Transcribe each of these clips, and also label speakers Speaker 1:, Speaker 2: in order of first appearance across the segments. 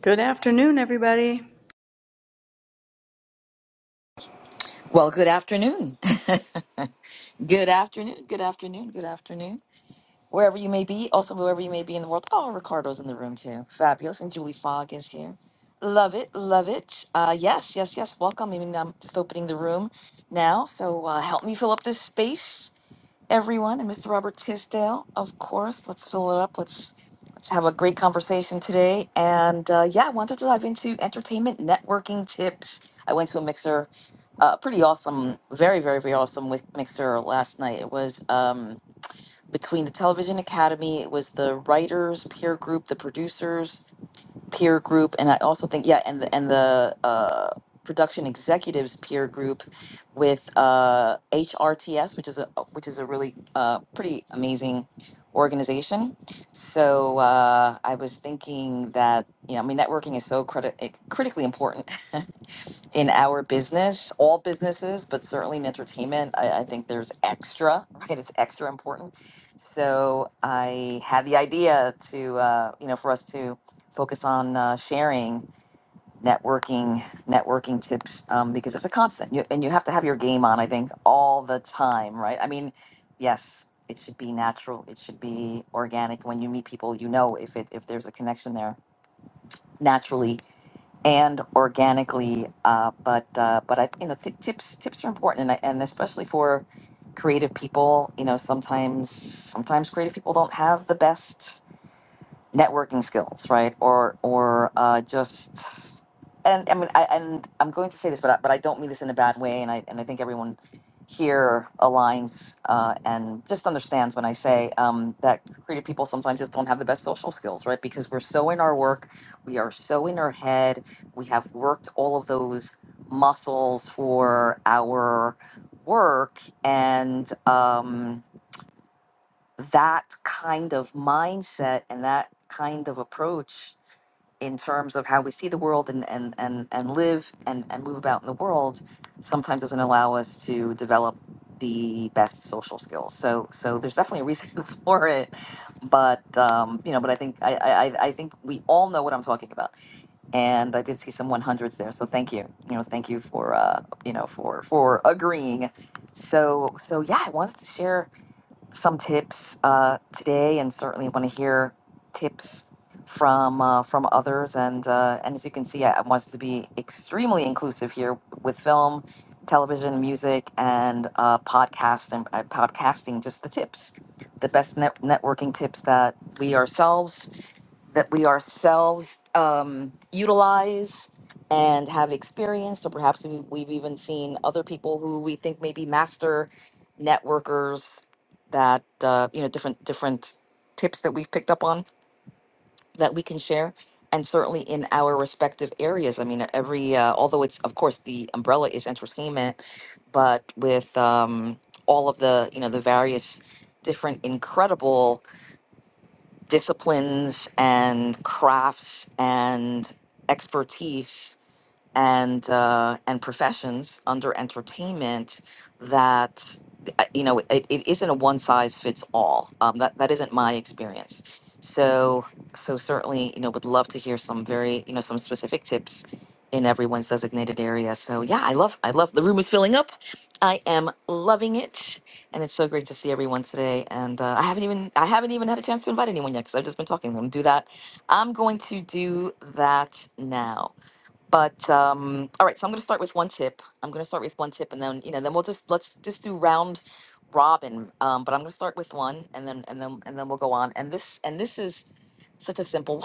Speaker 1: Good afternoon, everybody.
Speaker 2: Well, good afternoon. good afternoon. Good afternoon. Good afternoon wherever you may be, also wherever you may be in the world. Oh, Ricardo's in the room too. Fabulous. And Julie Fogg is here. Love it, love it. Uh, yes, yes, yes. Welcome. I mean, I'm just opening the room now. So uh, help me fill up this space, everyone. And Mr. Robert Tisdale, of course. Let's fill it up. Let's let's have a great conversation today. And uh, yeah, I wanted to dive into entertainment networking tips. I went to a mixer, uh, pretty awesome, very, very, very awesome with mixer last night. It was. Um, between the Television Academy. It was the writers peer group, the producers peer group, and I also think yeah, and the and the uh, production executives peer group with uh, HRTS, which is a which is a really uh, pretty amazing organization. So uh, I was thinking that you know, I mean, networking is so criti- eh, critically important in our business, all businesses, but certainly in entertainment, I, I think there's extra, right? It's extra important. So I had the idea to, uh, you know, for us to focus on uh, sharing networking, networking tips um, because it's a constant, you, and you have to have your game on. I think all the time, right? I mean, yes, it should be natural, it should be organic. When you meet people, you know if it if there's a connection there naturally and organically. Uh, but uh, but I you know th- tips tips are important, and I, and especially for creative people. You know, sometimes sometimes creative people don't have the best networking skills, right? Or or uh, just and I mean I and I'm going to say this, but I, but I don't mean this in a bad way, and I and I think everyone here aligns uh, and just understands when I say um, that creative people sometimes just don't have the best social skills, right? Because we're so in our work, we are so in our head, we have worked all of those muscles for our work and. Um, that kind of mindset and that kind of approach in terms of how we see the world and and and, and live and, and move about in the world sometimes doesn't allow us to develop the best social skills so so there's definitely a reason for it but um you know but i think i i, I I think we all know what i'm talking about and i did see some 100s there so thank you you know thank you for uh you know for for agreeing so so yeah i wanted to share some tips uh, today, and certainly want to hear tips from uh, from others. And uh, and as you can see, I I wanted to be extremely inclusive here with film, television, music, and uh, podcast and, and podcasting. Just the tips, the best net- networking tips that we ourselves that we ourselves um, utilize and have experienced, or perhaps we- we've even seen other people who we think may be master networkers that uh, you know different different tips that we've picked up on that we can share and certainly in our respective areas i mean every uh, although it's of course the umbrella is entertainment but with um, all of the you know the various different incredible disciplines and crafts and expertise and uh, and professions under entertainment that uh, you know it, it isn't a one size fits all. Um, that that isn't my experience. So so certainly you know would love to hear some very you know some specific tips in everyone's designated area. So yeah, I love I love the room is filling up. I am loving it, and it's so great to see everyone today. And uh, I haven't even I haven't even had a chance to invite anyone yet because I've just been talking. I'm gonna do that. I'm going to do that now. But um, all right, so I'm going to start with one tip. I'm going to start with one tip, and then you know, then we'll just let's just do round robin. Um, but I'm going to start with one, and then and then and then we'll go on. And this and this is such a simple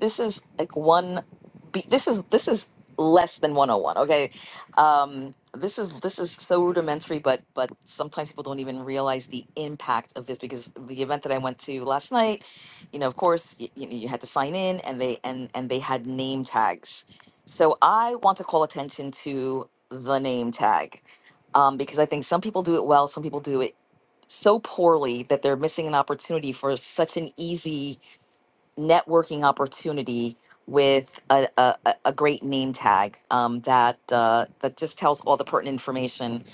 Speaker 2: this is like one be- this is this is less than 101 okay um this is this is so rudimentary but but sometimes people don't even realize the impact of this because the event that i went to last night you know of course you, you had to sign in and they and and they had name tags so i want to call attention to the name tag um, because i think some people do it well some people do it so poorly that they're missing an opportunity for such an easy networking opportunity with a, a, a a great name tag um, that uh, that just tells all the pertinent information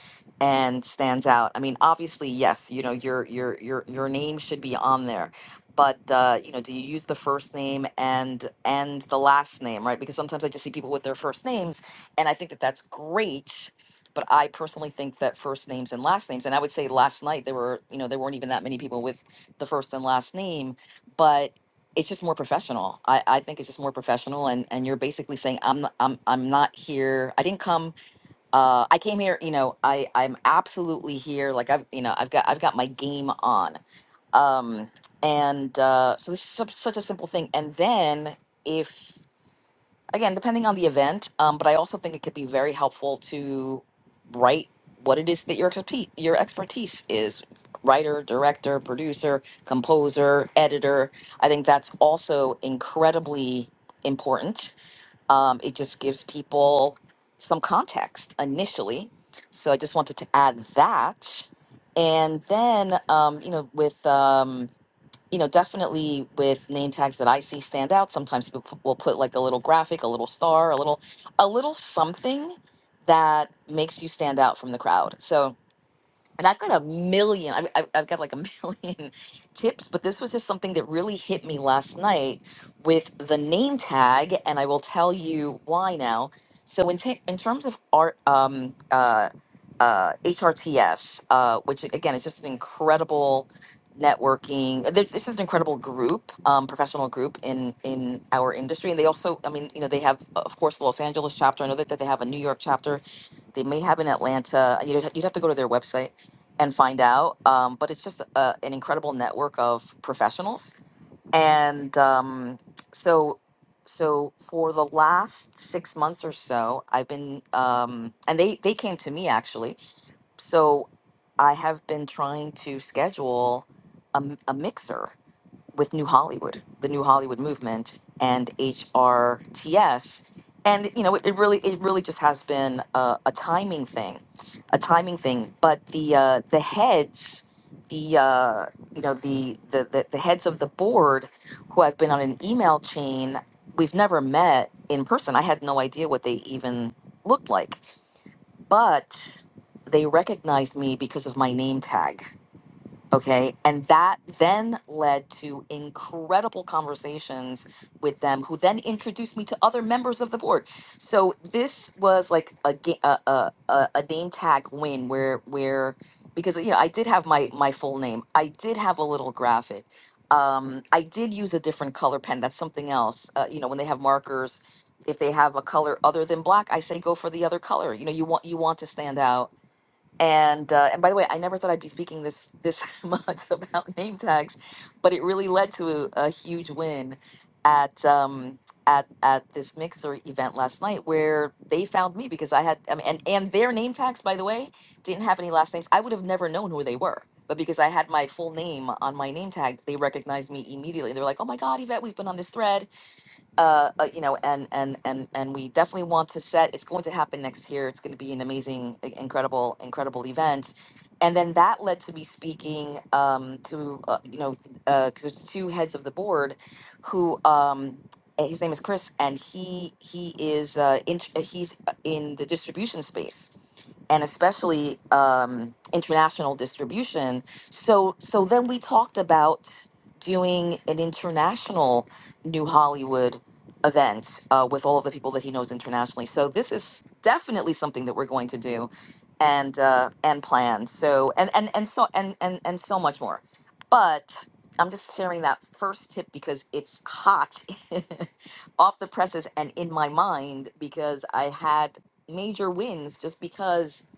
Speaker 2: and stands out. I mean, obviously, yes, you know your your your your name should be on there, but uh, you know, do you use the first name and and the last name, right? Because sometimes I just see people with their first names, and I think that that's great. But I personally think that first names and last names, and I would say last night there were, you know, there weren't even that many people with the first and last name, but it's just more professional. I, I think it's just more professional, and and you're basically saying I'm not, I'm I'm not here. I didn't come. Uh, I came here. You know, I I'm absolutely here. Like I've you know I've got I've got my game on. Um, and uh, so this is such, such a simple thing. And then if again, depending on the event. Um, but I also think it could be very helpful to write what it is that your expertise your expertise is. Writer, director, producer, composer, editor. I think that's also incredibly important. Um, it just gives people some context initially. So I just wanted to add that. And then, um, you know, with um, you know, definitely with name tags that I see stand out. Sometimes people pu- will put like a little graphic, a little star, a little, a little something that makes you stand out from the crowd. So and I've got a million. I've, I've I've got like a million tips, but this was just something that really hit me last night with the name tag, and I will tell you why now. So in ta in terms of art, um, uh, uh, HRTS, uh, which again is just an incredible networking. there- It's just an incredible group, um, professional group in in our industry, and they also, I mean, you know, they have of course the Los Angeles chapter. I know that, that they have a New York chapter. They may have in Atlanta. You'd, you'd have to go to their website and find out. Um, but it's just a, an incredible network of professionals. And um, so, so for the last six months or so, I've been, um, and they they came to me actually. So I have been trying to schedule a, m- a mixer with New Hollywood, the New Hollywood movement, and HRTS. And you know, it, it really, it really just has been a, a timing thing, a timing thing. But the uh, the heads, the uh, you know, the, the the the heads of the board, who I've been on an email chain, we've never met in person. I had no idea what they even looked like, but they recognized me because of my name tag Okay. And that then led to incredible conversations with them, who then introduced me to other members of the board. So this was like a ga- a, a, a a name tag win where, where, because, you know, I did have my, my full name, I did have a little graphic. Um, I did use a different color pen. That's something else. Uh, you know, when they have markers, if they have a color other than black, I say go for the other color. You know, you want you want to stand out and uh, and by the way, I never thought I'd be speaking this this much about name tags, but it really led to a, huge win at um, at at this mixer event last night where they found me because I had I mean, and and their name tags by the way didn't have any last names. I would have never known who they were, but because I had my full name on my name tag, they recognized me immediately. They were like, "Oh my God, Yvette, we've been on this thread." uh, uh, you know, and and and and we definitely want to set. It's going to happen next year. It's going to be an amazing, i- incredible, incredible event. And then that led to me speaking um, to uh, you know because there's two heads of the board, who um, and his name is Chris, and he he is uh, in, he's uh, in the distribution space and especially um, international distribution. So so then we talked about doing an international New Hollywood event uh, with all of the people that he knows internationally. So this is definitely something that we're going to do and uh, and plan. So and and and so and and and so much more. But I'm just sharing that first tip because it's hot off the presses and in my mind because I had major wins just because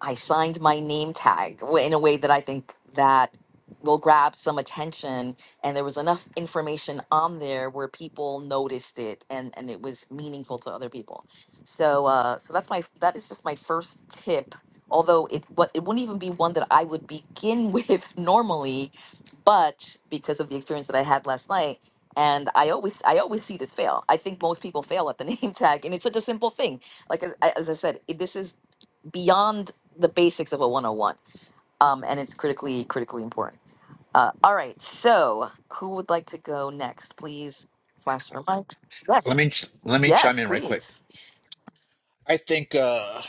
Speaker 2: I signed my name tag w- in a way that I think that will grab some attention and there was enough information on there where people noticed it and and it was meaningful to other people. So uh so that's my that is just my first tip although it what it wouldn't even be one that I would begin with normally but because of the experience that I had last night, and I always I always see this fail. I think most people fail at the name tag, and it's such a simple thing. Like as, I- as I said, it, this is beyond the basics of a 101, um, and it's critically critically important. Uh, all right, so who would like to go next? Please flash your mic.
Speaker 3: Let
Speaker 2: Yes,
Speaker 3: me ch- let me chime
Speaker 2: yes,
Speaker 3: in right quick.
Speaker 2: please.
Speaker 3: I think uh,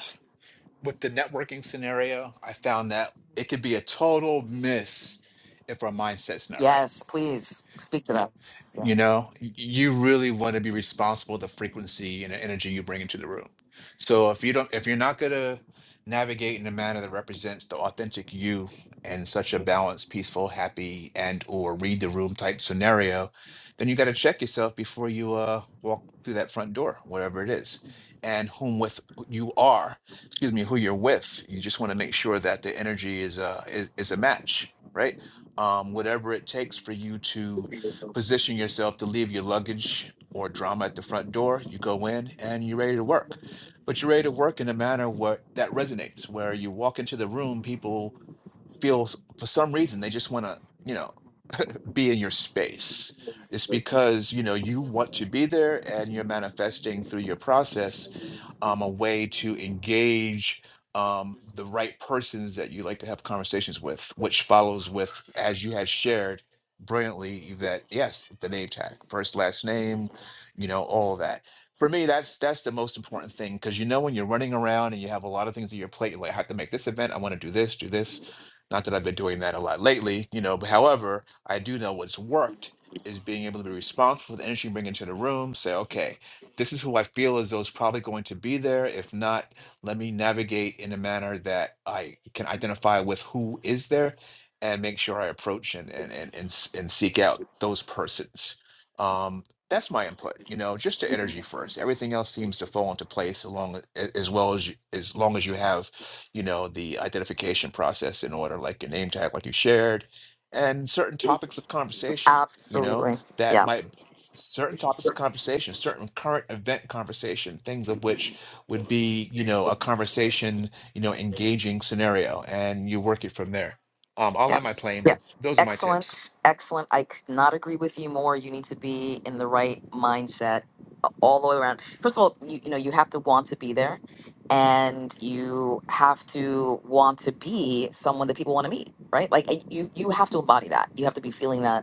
Speaker 3: with the networking scenario, I found that it could be a total miss if our mindset's not right.
Speaker 2: Yes, please speak to that. Yeah,
Speaker 3: You know, Y- you really want to be responsible with the frequency and the energy you bring into the room. So if you don't, if you're not gonna navigate in a manner that represents the authentic you in such a balanced, peaceful, happy, and or read the room type scenario, then you got to check yourself before you uh walk through that front door, whatever it is, and whom with who you are. Excuse me, who you're with. You just want to make sure that the energy is uh is, is a match, right? Um, whatever it takes for you to position yourself to leave your luggage or drama at the front door. You go in and you're ready to work. But you're ready to work in a manner what that resonates, where you walk into the room, people feel s- for some reason they just want to, you know be in your space. It's because, you know, you want to be there and you're manifesting through your process um, a way to engage um, the right persons that you like to have conversations with, which follows with, as you had shared brilliantly, that yes, the name tag, first, last name, you know, all of that. For me, that's that's the most important thing because you know when you're running around and you have a lot of things on your plate, you're like, I have to make this event, I want to do this, do this. Not that I've been doing that a lot lately, you know, but however, I do know what's worked is being able to be responsible for the energy you bring into the room, say, okay, this is who I feel as though is probably going to be there. If not, let me navigate in a manner that I can identify with who is there and make sure I approach and and and and, s- and seek out those persons. Um, that's my input, you know, just the energy first. Everything else seems to fall into place along a- as well as you, as long as you have, you know, the identification process in order, like your name tag, like you shared and certain topics of conversation, you know,
Speaker 2: absolutely.
Speaker 3: that
Speaker 2: Yeah.
Speaker 3: might certain topics of conversation, certain current event conversation, things of which would be, you know, a conversation, you know, engaging scenario, and you work it from there. Um, I'll
Speaker 2: Yeah.
Speaker 3: land my plane, but
Speaker 2: Yes.
Speaker 3: those are my tips.
Speaker 2: Excellent. Excellent. I could not agree with you more. You need to be in the right mindset a- all the way around. First of all, you, you know, you have to want to be there and you have to want to be someone that people want to meet, right? Like and you you have to embody that. You have to be feeling that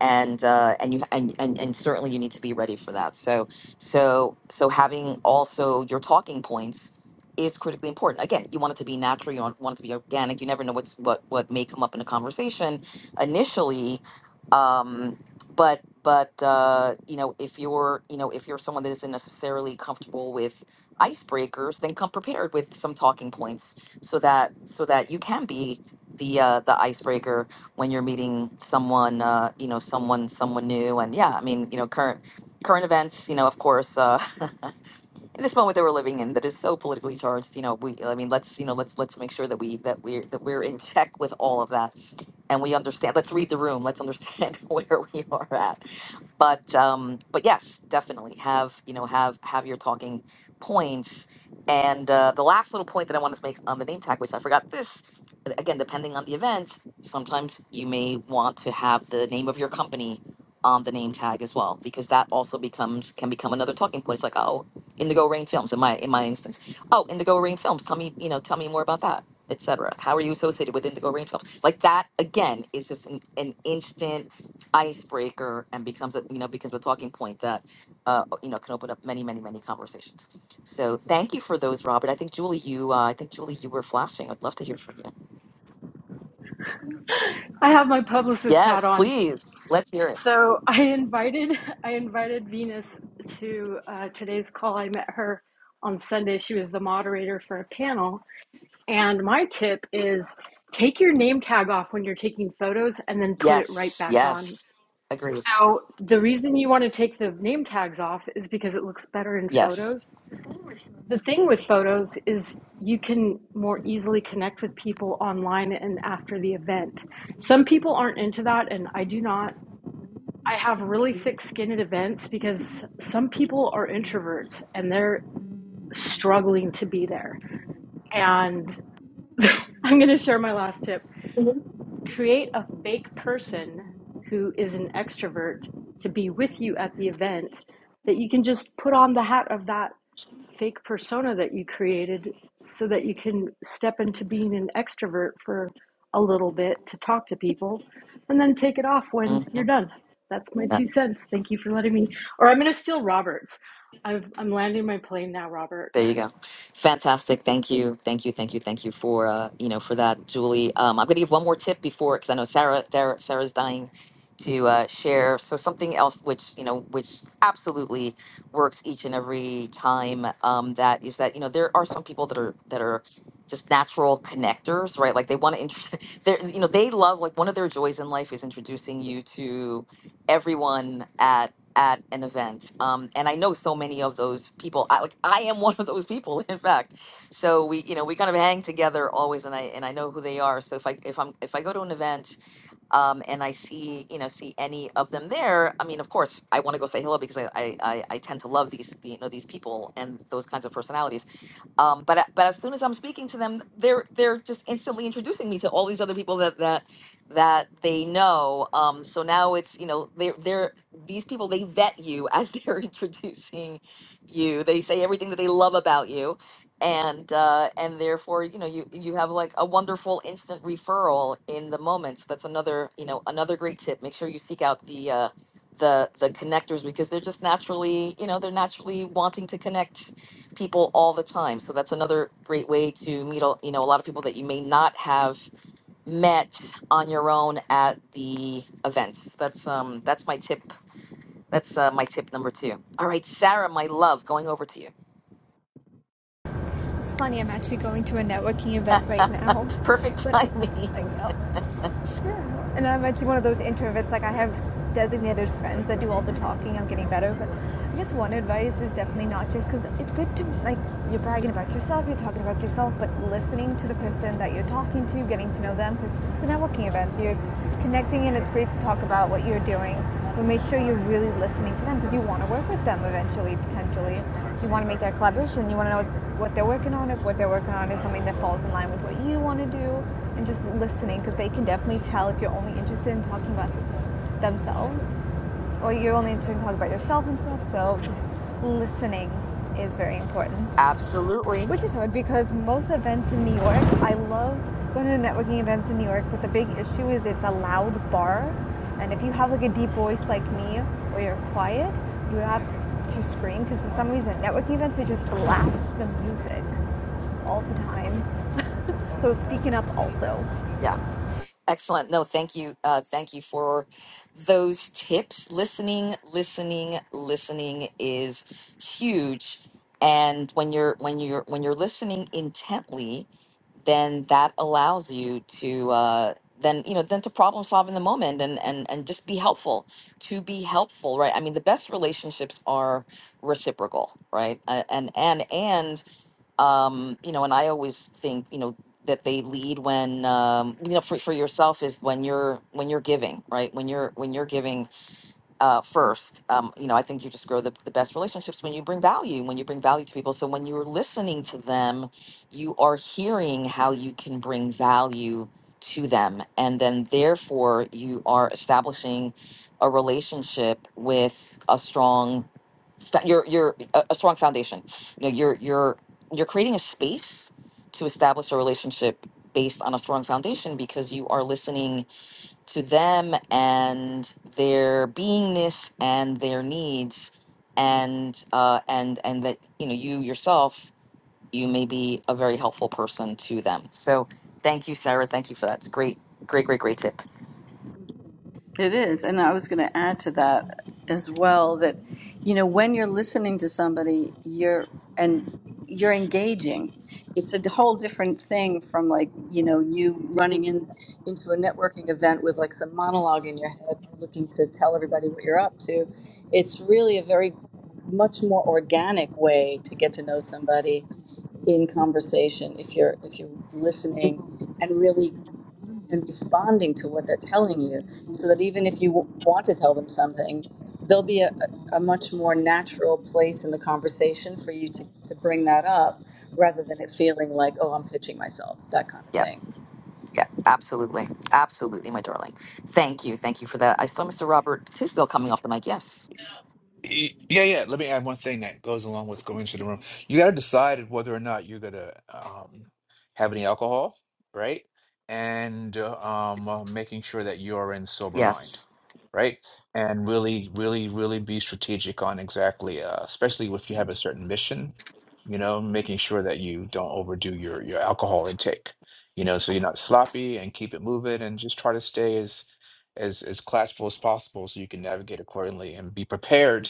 Speaker 2: and uh, and you and, and and certainly you need to be ready for that. So so so having also your talking points is critically important. Again, you want it to be natural. You want want it to be organic. You never know what's what what may come up in a conversation initially, um, but but uh, you know if you're you know if you're someone that isn't necessarily comfortable with icebreakers, then come prepared with some talking points so that so that you can be the uh, the icebreaker when you're meeting someone, uh, you know, someone, someone new, and yeah, I mean, you know, current current events, you know, of course, uh, in this moment that we're living in, that is so politically charged, you know, we, I mean, let's, you know, let's let's make sure that we that we're that we're in check with all of that, and we understand. Let's read the room. Let's understand where we are at but um, but yes, definitely have you know have have your talking points. And uh, the last little point that I wanted to make on the name tag, which I forgot this again, depending on the event, sometimes you may want to have the name of your company on the name tag as well, because that also becomes can become another talking point. It's like oh, Indigo Rain Films in my in my instance, oh Indigo Rain Films, tell me you know tell me more about that, etc. How are you associated with Indigo Rain Films? Like that again is just an, an instant icebreaker and becomes a you know becomes a talking point that uh, you know can open up many many many conversations. So thank you for those, Robert. I think Julie, you uh, I think Julie, you were flashing. I'd love to hear from you.
Speaker 4: I have my publicist hat
Speaker 2: Yes,
Speaker 4: on.
Speaker 2: please. Let's hear it.
Speaker 4: So I invited I invited Venus to uh, today's call. I met her on Sunday. She was the moderator for a panel. And my tip is take your name tag off when you're taking photos and then put it right
Speaker 2: Yes,
Speaker 4: back on.
Speaker 2: yes, agreed.
Speaker 4: So the reason you want to take the name tags off is because it looks better in
Speaker 2: Yes.
Speaker 4: photos the thing with photos is you can more easily connect with people online and after the event. Some people aren't into that, and I do not. I have really thick skin at events because some people are introverts and they're struggling to be there. And I'm going to share my last tip create a fake person who is an extrovert to be with you at the event that you can just put on the hat of that fake persona that you created so that you can step into being an extrovert for a little bit to talk to people and then take it off when you're
Speaker 2: Mhm.
Speaker 4: done. That's my two cents. Thank you for letting me. Or I'm going to steal Robert's. I've, I'm landing my plane now, Robert.
Speaker 2: There you go. Fantastic. Thank you. Thank you. Thank you. Thank you for uh, you know for that, Julie. Um, I'm going to give one more tip before because I know Sarah, Sarah Sarah's dying to uh, share. So something else which you know which absolutely works each and every time um, that is that you know there are some people that are that are just natural connectors, right? Like they want to, int- they're you know they love like one of their joys in life is introducing you to everyone at an event. Um, and I know so many of those people. I, like I am one of those people, in fact. So we, you know, we kind of hang together always, and I and I know who they are. So if I if I'm if I go to an event, um, and I see you know see any of them there, I mean, of course, I want to go say hello because I I, I I tend to love these you know these people and those kinds of personalities um, but uh, but as soon as I'm speaking to them, they're they're just instantly introducing me to all these other people that that that they know. Um, so now it's you know they're they're these people they vet you as they're introducing you. They say everything that they love about you, and uh, and therefore you know you you have like a wonderful instant referral in the moment. So that's another you know another great tip. Make sure you seek out the uh, the the connectors because they're just naturally you know they're naturally wanting to connect people all the time. So that's another great way to meet, a- you know, a lot of people that you may not have met on your own at the events. That's um that's my tip. That's uh, my tip number two. All right, Sarah, my love, going over to you.
Speaker 5: It's funny, I'm actually going to a networking event right now,
Speaker 2: Perfect
Speaker 5: but
Speaker 2: timing.
Speaker 5: like, oh, yeah. and I'm actually one of those introverts. Like I have designated friends that do all the talking. I'm getting better, but I guess one advice is definitely not just because it's good to like you're bragging about yourself, you're talking about yourself, but listening to the person that you're talking to, getting to know them because it's a networking event. You're connecting, and it's great to talk about what you're doing. But make sure you're really listening to them because you want to work with them eventually, potentially you want to make that collaboration. You want to know what, they're working on. If what they're working on is something that falls in line with what you want to do, and just listening because they can definitely tell if you're only interested in talking about themselves or you're only interested in talking about yourself and stuff. So just listening is very important.
Speaker 2: Absolutely.
Speaker 5: Which is hard because most events in New York, I love going to networking events in New York, but the big issue is it's a loud bar. And if you have like a deep voice like me or you're quiet, you have to scream because for some reason networking events they just blast the music all the time. So speaking up also.
Speaker 2: Yeah. Excellent. No, thank you. Uh, thank you for those tips. Listening, listening, listening is huge. And when you're when you're when you're listening intently, then that allows you to uh, then you know then to problem solve in the moment and and and just be helpful to be helpful, right? I mean, the best relationships are reciprocal, right? Uh, and and and um, you know, and I always think, you know, that they lead when, um, you know, for, for yourself is when you're when you're giving, right? When you're when you're giving uh, first. Um, you know, I think you just grow the, the best relationships when you bring value, when you bring value to people. So when you're listening to them, you are hearing how you can bring value to them. And then therefore, you are establishing a relationship with a strong, fa- your, your, a, a strong foundation. You know, you're, you're, you're creating a space to establish a relationship based on a strong foundation because you are listening to them and their beingness and their needs and uh, and and that you know you yourself you may be a very helpful person to them so thank you sarah thank you for that it's a great great great great tip
Speaker 1: It is. And I was going to add to that as well that, you know, when you're listening to somebody, you're, and you're engaging. It's a whole different thing from like, you know, you running in into a networking event with like some monologue in your head, looking to tell everybody what you're up to. It's really a very much more organic way to get to know somebody in conversation if you're if you're listening and really and responding to what they're telling you so that even if you w- want to tell them something there'll be a, a much more natural place in the conversation for you to, to bring that up rather than it feeling like oh i'm pitching myself that kind of
Speaker 2: yeah
Speaker 1: thing
Speaker 2: yeah absolutely absolutely my darling thank you thank you for that i saw mr robert tisdale coming off the mic yes
Speaker 3: Y- Yeah, yeah. Let me add one thing that goes along with going to the room. You got to decide whether or not you're gonna um, have any alcohol, right? And uh, um, uh, making sure that you are in sober mind,
Speaker 2: yes
Speaker 3: right? And really, really, really be strategic on exactly, uh, especially if you have a certain mission. You know, making sure that you don't overdo your your alcohol intake. You know, so you're not sloppy and keep it moving and just try to stay as as as classful as possible so you can navigate accordingly and be prepared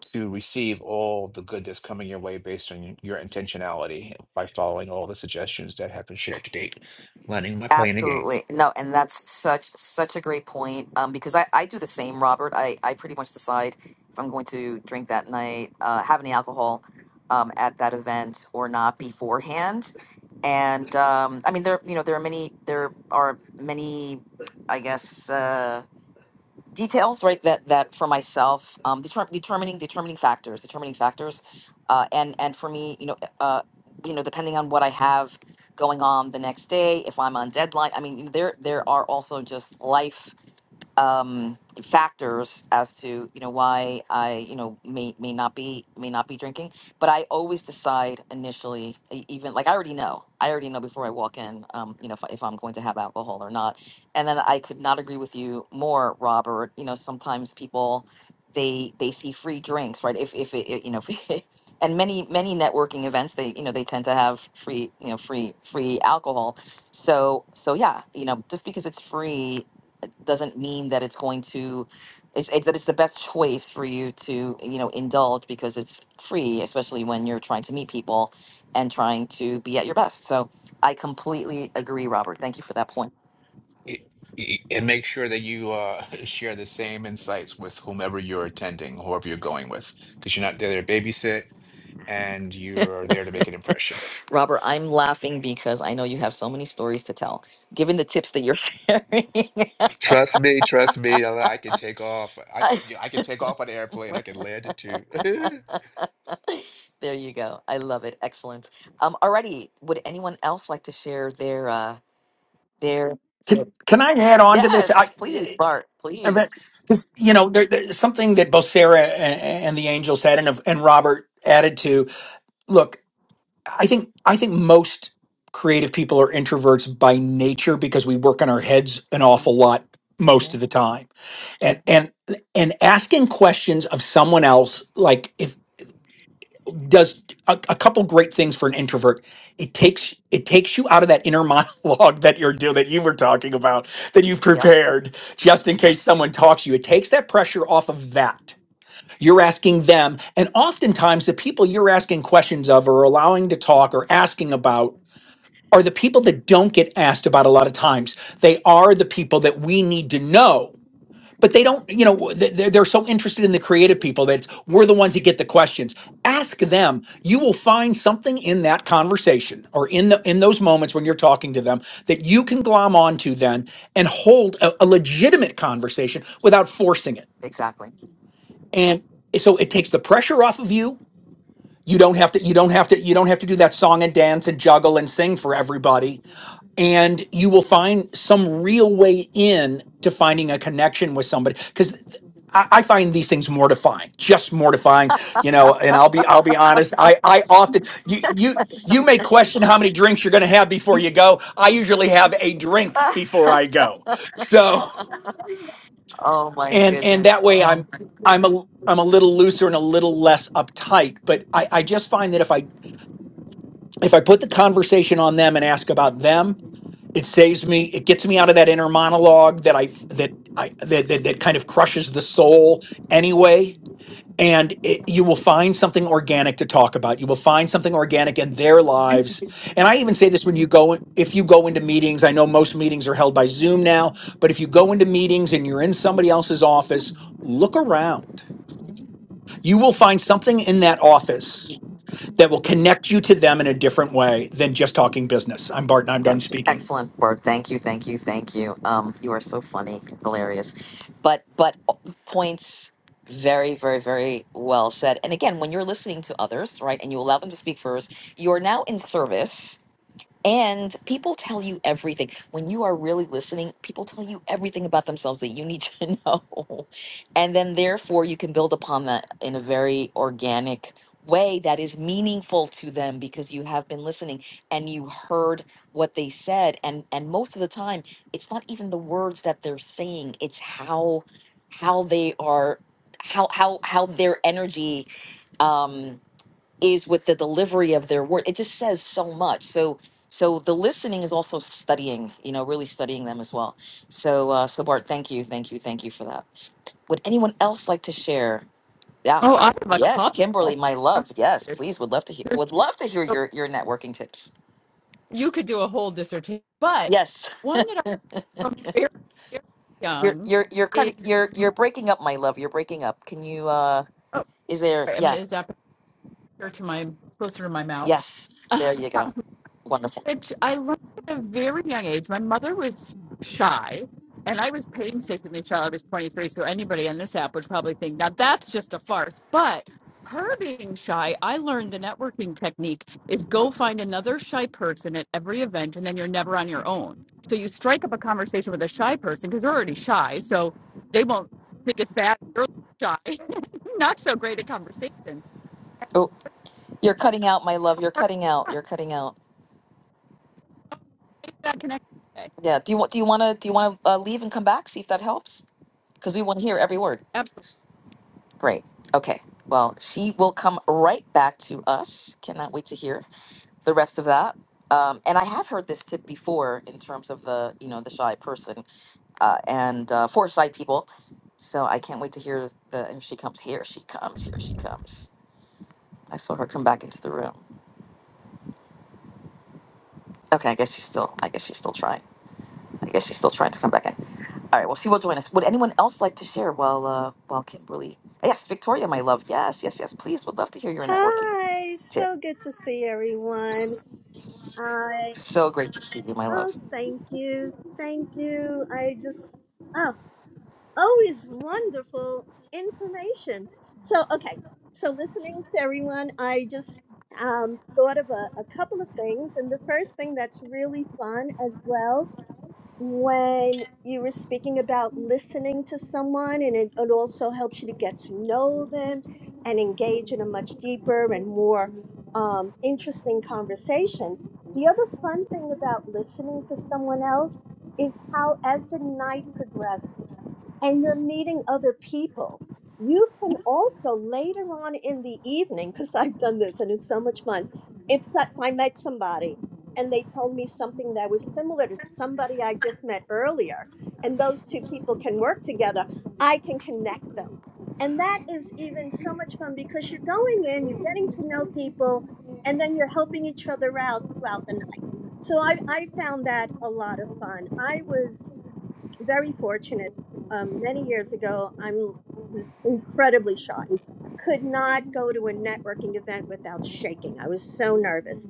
Speaker 3: to receive all the good that's coming your way based on your intentionality by following all the suggestions that have been shared to date. Learning by playing the game.
Speaker 2: Absolutely. No, and that's such such a great point. Um, because I, I do the same, Robert. I, I pretty much decide if I'm going to drink that night, uh, have any alcohol um, at that event or not beforehand. And um, I mean there you know there are many there are many I guess uh, details right that that for myself um deter- determining determining factors determining factors uh and and for me you know uh you know depending on what i have going on the next day if i'm on deadline i mean there there are also just life um, factors as to you know why I you know may may not be may not be drinking, but I always decide initially, e- even like I already know, I already know before I walk in, um, you know, if, I- if I'm going to have alcohol or not. And then I could not agree with you more, Robert. You know, sometimes people they they see free drinks, right? If if it, it- you know. And many many networking events, they you know they tend to have free you know free free alcohol, so so yeah you know just because it's free doesn't mean that it's going to it's it, that it's the best choice for you to you know indulge because it's free especially when you're trying to meet people and trying to be at your best so i completely agree robert thank you for that point
Speaker 3: Y- y- And make sure that you uh, share the same insights with whomever you're attending, whoever you're going with, because you're not there to babysit and you're there to make an impression.
Speaker 2: robert i'm laughing because i know you have so many stories to tell given the tips that you're sharing
Speaker 3: Trust me, trust me, I I can take off. I, th- I can take off on an airplane. I can land it too.
Speaker 2: there you go i love it excellent um alrighty would anyone else like to share their uh their
Speaker 6: Can,
Speaker 2: tip?
Speaker 6: can I add on to this? I,
Speaker 2: yes please bart please
Speaker 6: because you know, there, there's something that both Sarah and, and the Angels had, and and Robert added to. Look, I think I think most creative people are introverts by nature because we work on our heads an awful lot
Speaker 2: Mhm,
Speaker 6: most of the time, and and and asking questions of someone else, like if does a, a couple great things for an introvert. It takes it takes you out of that inner monologue that you're doing that you were talking about that you've
Speaker 2: Yep,
Speaker 6: prepared just in case someone talks to you. It takes that pressure off of that. You're asking them, and oftentimes the people you're asking questions of or allowing to talk or asking about are the people that don't get asked about a lot of times. They are the people that we need to know but they don't you know they- they're, they're so interested in the creative people that it's, we're the ones that get the questions ask them you will find something in that conversation or in the in those moments when you're talking to them that you can glom onto then and hold a, a legitimate conversation without forcing it
Speaker 2: exactly.
Speaker 6: and so it takes the pressure off of you you don't have to you don't have to you don't have to do that song and dance and juggle and sing for everybody and you will find some real way in to finding a connection with somebody because I, I find these things mortifying just mortifying you know and i'll be i'll be honest i i often you you you may question how many drinks you're going to have before you go i usually have a drink before i go so
Speaker 2: Oh my
Speaker 6: and and that
Speaker 2: goodness.
Speaker 6: way i'm i'm a i'm a little looser and a little less uptight but i i just find that if i if i put the conversation on them and ask about them it saves me it gets me out of that inner monologue that i that i that that, that kind of crushes the soul anyway and it, you will find something organic to talk about you will find something organic in their lives and i even say this when you go if you go into meetings i know most meetings are held by zoom now but if you go into meetings and you're in somebody else's office look around you will find something in that office that will connect you to them in a different way than just talking business i'm barton i'm
Speaker 2: Yeah.
Speaker 6: done speaking
Speaker 2: Excellent word. Thank you. Thank you. Thank you. Um, you are so funny, hilarious. But but uh, points very, very, very well said. And again, when you're listening to others, right, and you allow them to speak first, you are now in service And people tell you everything. When you are really listening, people tell you everything about themselves that you need to know. And then, therefore, you can build upon that in a very organic way that is meaningful to them because you have been listening and you heard what they said. And, and most of the time, it's not even the words that they're saying, it's how, how they are, how, how, how their energy. Um, is with the delivery of their word. It just says so much. So so the listening is also studying, you know, really studying them as well. So uh, so Bart, thank you, thank you, thank you for that. Would anyone else like to share? Yeah,
Speaker 7: Oh, I
Speaker 2: I-
Speaker 7: have a
Speaker 2: yes, Kimberly,
Speaker 7: couple.
Speaker 2: my
Speaker 7: I'm
Speaker 2: love. Yes,
Speaker 7: serious.
Speaker 2: please would love to hear
Speaker 7: There's
Speaker 2: would love to hear
Speaker 7: So
Speaker 2: your your networking tips.
Speaker 7: You could do a whole dissertation, but
Speaker 2: Yes.
Speaker 7: one that I'm from very, very
Speaker 2: You're
Speaker 7: young
Speaker 2: you're you're cutting
Speaker 7: is
Speaker 2: you're
Speaker 7: oh,
Speaker 2: you're breaking up, my love. You're breaking up. Can you uh
Speaker 7: sorry,
Speaker 2: is there
Speaker 7: I'm-
Speaker 2: yeah,
Speaker 7: is that closer to my closer to my mouth.
Speaker 2: yes. There you go. Wonderful.
Speaker 7: which I learned at a very young age. My mother was shy, and I was painstakingly shy. I was 23, so anybody on this app would probably think, now that's just a farce. But her being shy, I learned the networking technique is go find another shy person at every event, and then you're never on your own. So you strike up a conversation with a shy person because they're already shy, so they won't think it's bad. You're shy, not so great a conversation.
Speaker 2: Oh, you're cutting out, my love. You're
Speaker 7: Her-
Speaker 2: cutting out. You're cutting out.
Speaker 7: Make that connection.
Speaker 2: Yeah. Do you want? Do you want to? Do you want to uh, leave and come back? See if that helps, because we want to hear every word.
Speaker 7: today.
Speaker 2: Great. Okay. Well, she will come right back to us. Cannot wait to hear the rest of that. Um, and I have heard this tip before in terms of the you know the shy person uh, and uh, for shy people. So I can't wait to hear the. And she comes here. She comes here. She comes. I saw her come back into the room. Okay. I guess she's still. I guess she's still trying. I guess she's still trying to come back in. All right. Well, she will join us. Would anyone else like to share while uh, while Kimberly? Yes, Victoria, my love. Yes, yes, yes. Please, would love to hear your networking
Speaker 8: Hi,
Speaker 2: tip.
Speaker 8: so good to see everyone. I
Speaker 2: So great to see you, my
Speaker 8: oh,
Speaker 2: love.
Speaker 8: thank you, thank you. I just oh, always wonderful information. So okay, so listening to everyone, I just um, thought of a, a couple of things, and the first thing that's really fun as well when you were speaking about listening to someone and it, it also helps you to get to know them and engage in a much deeper and more um, interesting conversation the other fun thing about listening to someone else is how as the night progresses and you're meeting other people you can also later on in the evening because i've done this and it's so much fun if, so- if i met somebody and they told me something that was similar to somebody I just met earlier, and those two people can work together, I can connect them. And that is even so much fun because you're going in, you're getting to know people, and then you're helping each other out throughout the night. So I, I found that a lot of fun. I was very fortunate. Um, many years ago, I was incredibly shy. Could not go to a networking event without shaking. I was so nervous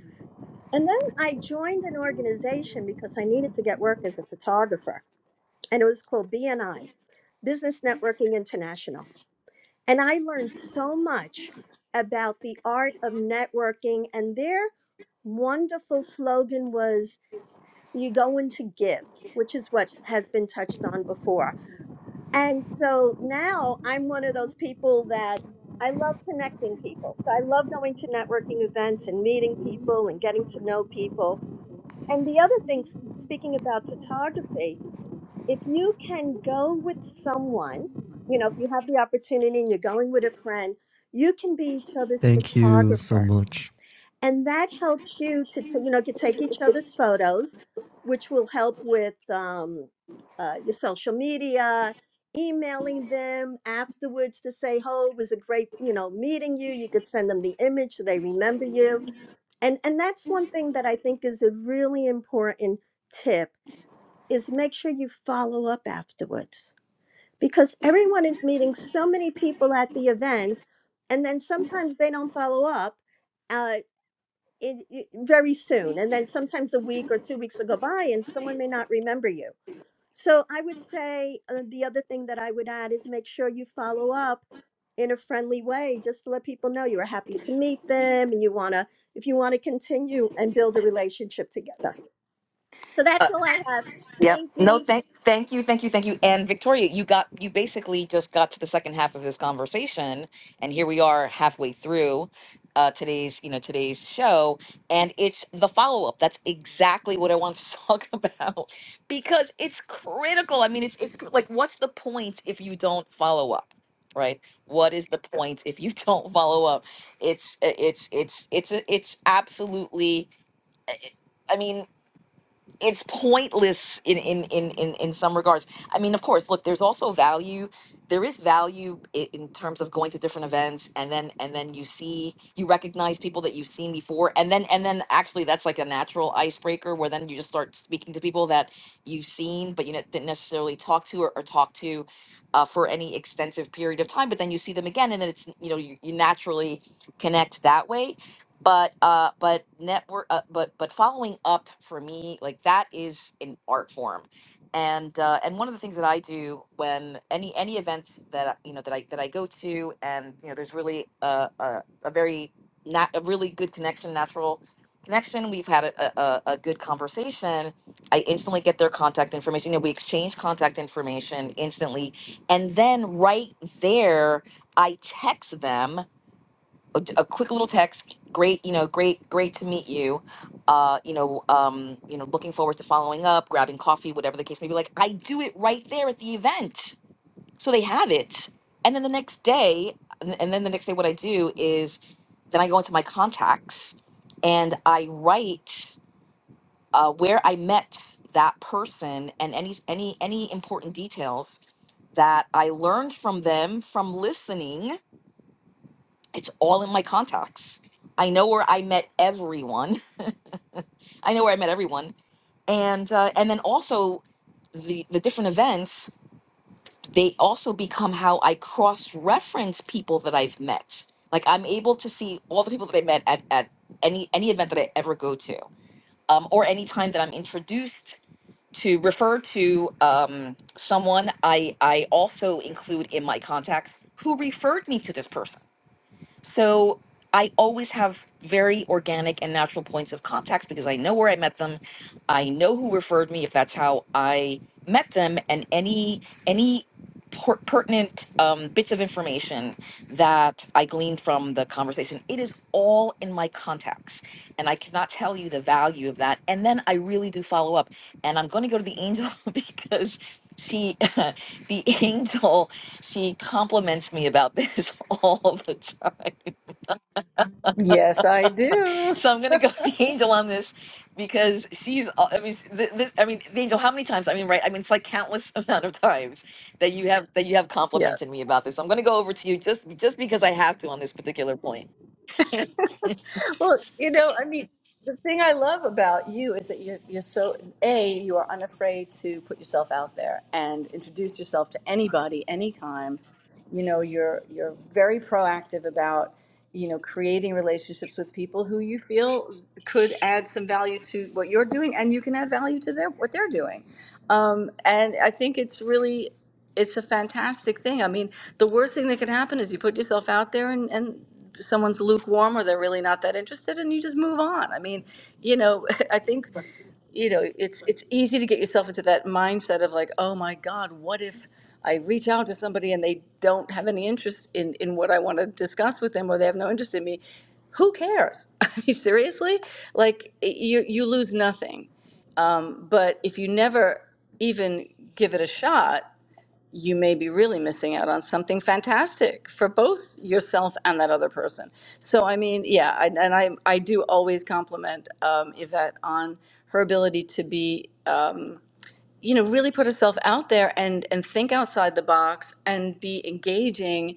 Speaker 8: and then I joined an organization because I needed to get work as a photographer. And it was called BNI, Business Networking International. And I learned so much about the art of networking. And their wonderful slogan was, You go in to give, which is what has been touched on before. And so now I'm one of those people that I love connecting people. So I love going to networking events and meeting people and getting to know people and the other thing, s- speaking about photography, if you can go with someone, you know, if you have the opportunity and you're going with a friend, you can be each other's
Speaker 9: Thank you so
Speaker 8: photographer
Speaker 9: much.
Speaker 8: and that helps you to, t- you know to take each other's photos which will help with um, uh, your social media emailing them afterwards to say oh it was a great you know meeting you you could send them the image so they remember you and and that's one thing that i think is a really important tip is make sure you follow up afterwards because everyone is meeting so many people at the event and then sometimes they don't follow up Uh, it, it- very soon and then sometimes a week or two weeks will go by and someone may not remember you so i would say uh, the other thing that i would add is make sure you follow up in a friendly way just to let people know you are happy to meet them and you want to if you want to continue and build a relationship together so that's all i have
Speaker 2: Yep.
Speaker 8: thank
Speaker 2: No,
Speaker 8: you
Speaker 2: thank thank you, thank you, thank you. And Victoria, you got you basically just got to the second half of this conversation and here we are halfway through uh today's, you know, today's show and it's the follow-up. That's exactly what I want to talk about because it's critical. I mean, it's it's cr- like what's the point if you don't follow up? Right? What is the point if you don't follow up? It's it's it's it's it's absolutely I mean, it's pointless in in in in in some regards. I mean, of course, look, there's also value. There is value i- in terms of going to different events, and then and then you see you recognize people that you've seen before, and then and then actually that's like a natural icebreaker where then you just start speaking to people that you've seen but you ne- didn't necessarily talk to or, or talk to uh, for any extensive period of time. But then you see them again, and then it's you know you, you naturally connect that way but uh but network uh, but but following up for me like that is an art form and uh and one of the things that i do when any any event that I- you know that i that i go to and you know there's really a a, a very not a really good connection natural connection we've had a, a, a a good conversation i instantly get their contact information you know we exchange contact information instantly and then right there i text them a a quick little text. Great, you know, great, great to meet you. Uh, you know, um, you know, looking forward to following up, grabbing coffee, whatever the case may be. Like I do it right there at the event, so they have it. And then the next day, and and then the next day, what I do is, then I go into my contacts, and I write uh, where I met that person and any any any important details that I learned from them from listening it's all in my contacts. I know where I met everyone. I know where I met everyone, and uh, and then also the the different events. They also become how I cross reference people that I've met. Like I'm able to see all the people that I met at at any any event that I ever go to, um, or any time that I'm introduced to refer to um, someone. I I also include in my contacts who referred me to this person So I always have very organic and natural points of contacts because I know where I met them. I know who referred me if that's how I met them and any any per- pertinent um, bits of information that I gleaned from the conversation. It is all in my contacts, and I cannot tell you the value of that. And then I really do follow up, and I'm going to go to the angel because she, the angel, she compliments me about this all the time.
Speaker 1: Yes, I do.
Speaker 2: So I'm gonna go with the angel on this because she's. all- I mean, the, the, I mean, the angel. How many times? I mean, right? I mean, it's like countless amount of times that you have that you have
Speaker 1: yes
Speaker 2: complimented me about this. So I'm gonna go over to you just just because I have to on this particular point.
Speaker 1: Well, you know, I mean, the thing I love about you is that you're, you're so, A, you are unafraid to put yourself out there and introduce yourself to anybody, anytime. You know, you're, you're very proactive about, you know, creating relationships with people who you feel could add some value to what you're doing and you can add value to their, what they're doing. Um, and I think it's really it's a fantastic thing. I mean, the worst thing that can happen is you put yourself out there and, and someone's lukewarm or they're really not that interested and you just move on. I mean, you know, I think, you know, it's it's easy to get yourself into that mindset of like, oh my God, what if I reach out to somebody and they don't have any interest in, in what I want to discuss with them or they have no interest in me? Who cares? I mean, seriously? Like you you lose nothing. Um, but if you never even give it a shot, you may be really missing out on something fantastic for both yourself and that other person. So, I mean, yeah, I, and I, I do always compliment um, Yvette on her ability to be. Um, you know really put herself out there and and think outside the box and be engaging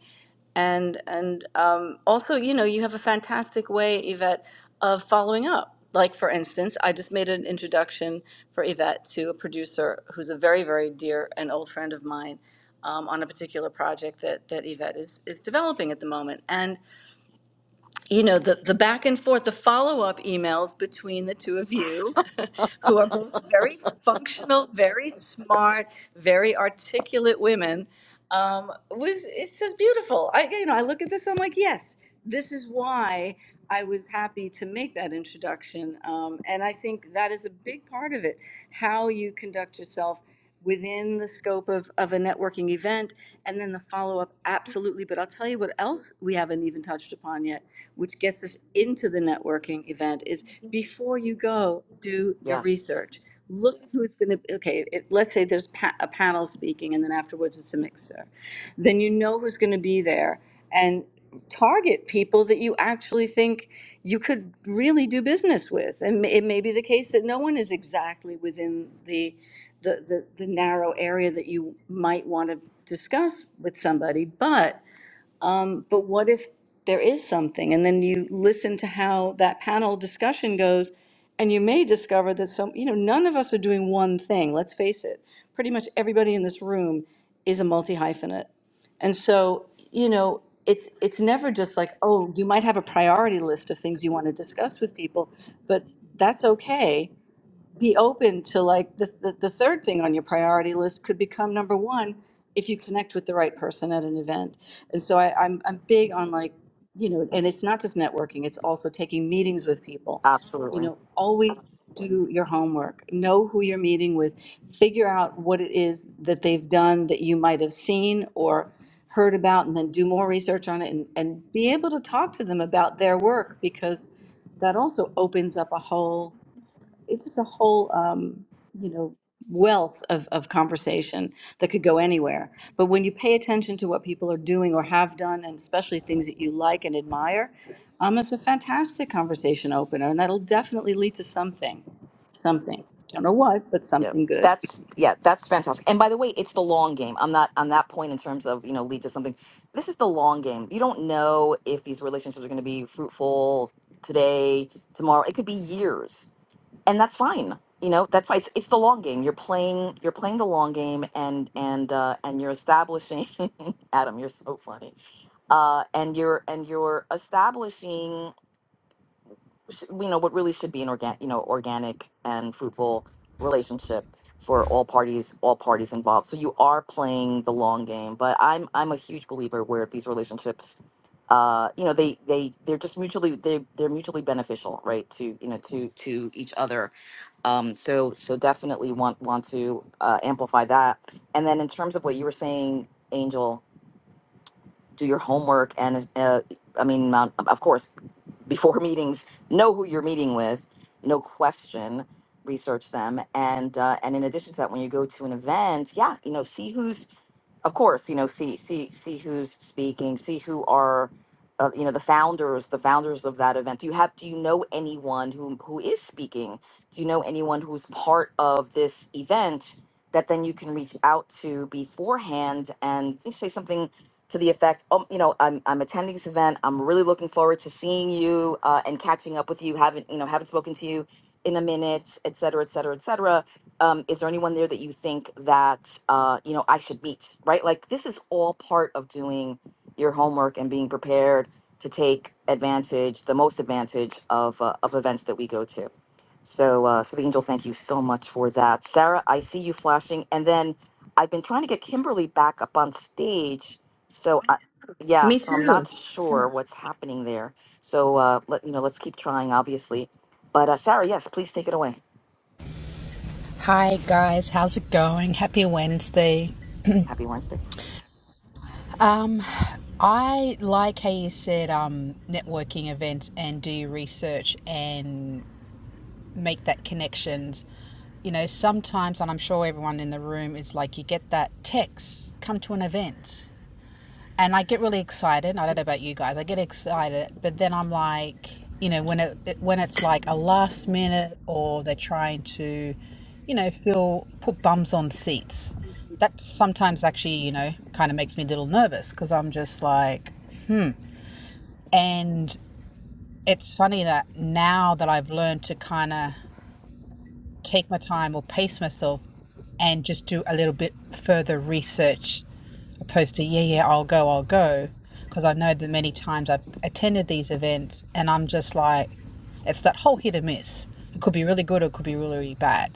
Speaker 1: and and um, also you know you have a fantastic way yvette of following up like for instance i just made an introduction for yvette to a producer who's a very very dear and old friend of mine um, on a particular project that that yvette is is developing at the moment and you know the the back and forth the follow-up emails between the two of you who are both very functional very smart very articulate women um, was it's just beautiful i you know i look at this i'm like yes this is why i was happy to make that introduction um, and i think that is a big part of it how you conduct yourself within the scope of, of a networking event and then the follow-up absolutely but i'll tell you what else we haven't even touched upon yet which gets us into the networking event, is before you go, do your
Speaker 2: Yes,
Speaker 1: research. Look at who's going to, okay, it, let's say there's pa- a panel speaking and then afterwards it's a mixer. Then you know who's going to be there and target people that you actually think you could really do business with. And ma- it may be the case that no one is exactly within the, the, the, the narrow area that you might want to discuss with somebody, but um, But what if there is something? And then you listen to how that panel discussion goes, and you may discover that some, you know, none of us are doing one thing. Let's face it, pretty much everybody in this room is a multi hyphenate. And so, you know, it's it's never just like, oh, you might have a priority list of things you want to discuss with people, but that's okay be open to like the, the, the third thing on your priority list could become number one if you connect with the right person at an event. And so I, I'm, I'm big on like, you know, and it's not just networking, it's also taking meetings with people. You
Speaker 2: absolutely.
Speaker 1: know, always do your homework, know who you're meeting with, figure out what it is that they've done that you might have seen or heard about, and then do more research on it and, and be able to talk to them about their work because that also opens up a whole it's just a whole um, you know wealth of, of conversation that could go anywhere but when you pay attention to what people are doing or have done and especially things that you like and admire um, it's a fantastic conversation opener and that'll definitely lead to something something don't know what but
Speaker 2: Yep.
Speaker 1: something good
Speaker 2: That's yeah, that's fantastic. And by the way, it's the long game. I'm not on that point in terms of, you know, lead to something. This is the long game. You don't know if these relationships are going to be fruitful today, tomorrow. It could be years. and that's fine you know that's why it's, it's the long game you're playing you're playing the long game and and uh and you're establishing adam you're so funny uh and you're and you're establishing sh- you know what really should be an organic you know organic and fruitful relationship for all parties all parties involved so you are playing the long game but i'm i'm a huge believer where these relationships uh you know they they they're just mutually they they're mutually beneficial right to you know to to each other um so so definitely want want to uh, amplify that and then in terms of what you were saying angel do your homework and uh, i mean um, of course before meetings know who you're meeting with no question research them and uh, and in addition to that when you go to an event yeah you know see who's of course, you know, see see see who's speaking, see who are, uh, you know, the founders, the founders of that event. Do you have do you know anyone who who is speaking? Do you know anyone who's part of this event that then you can reach out to beforehand and say something to the effect, um, you know, I'm I'm attending this event. I'm really looking forward to seeing you uh, and catching up with you. Haven't you know haven't spoken to you in a minute, et cetera, et cetera, et cetera um, is there anyone there that you think that uh, you know I should meet? Right, like this is all part of doing your homework and being prepared to take advantage, the most advantage of uh, of events that we go to. So, uh, so the angel, thank you so much for that, Sarah. I see you flashing, and then I've been trying to get Kimberly back up on stage. So, I, yeah,
Speaker 1: Me
Speaker 2: so I'm not
Speaker 1: too.
Speaker 2: sure what's happening there. So, uh, let you know, let's keep trying, obviously. But uh, Sarah, yes, please take it away.
Speaker 10: Hi guys, how's it going? Happy Wednesday.
Speaker 2: Happy Wednesday.
Speaker 10: Um, I like how you said um, networking events and do your research and make that connections. You know, sometimes, and I'm sure everyone in the room is like, you get that text, come to an event. and I get really excited. I don't know about you guys. I get excited, but then I'm like, you know, when it when it's like a last minute or they're trying to, you know, fill put bums on seats. That sometimes actually, you know, kind of makes me a little nervous because I'm just like, and it's funny that now that I've learned to kind of take my time or pace myself and just do a little bit further research opposed to yeah yeah i'll go i'll go because i know that many times i've attended these events and i'm just like it's that whole hit or miss it could be really good or it could be really, really bad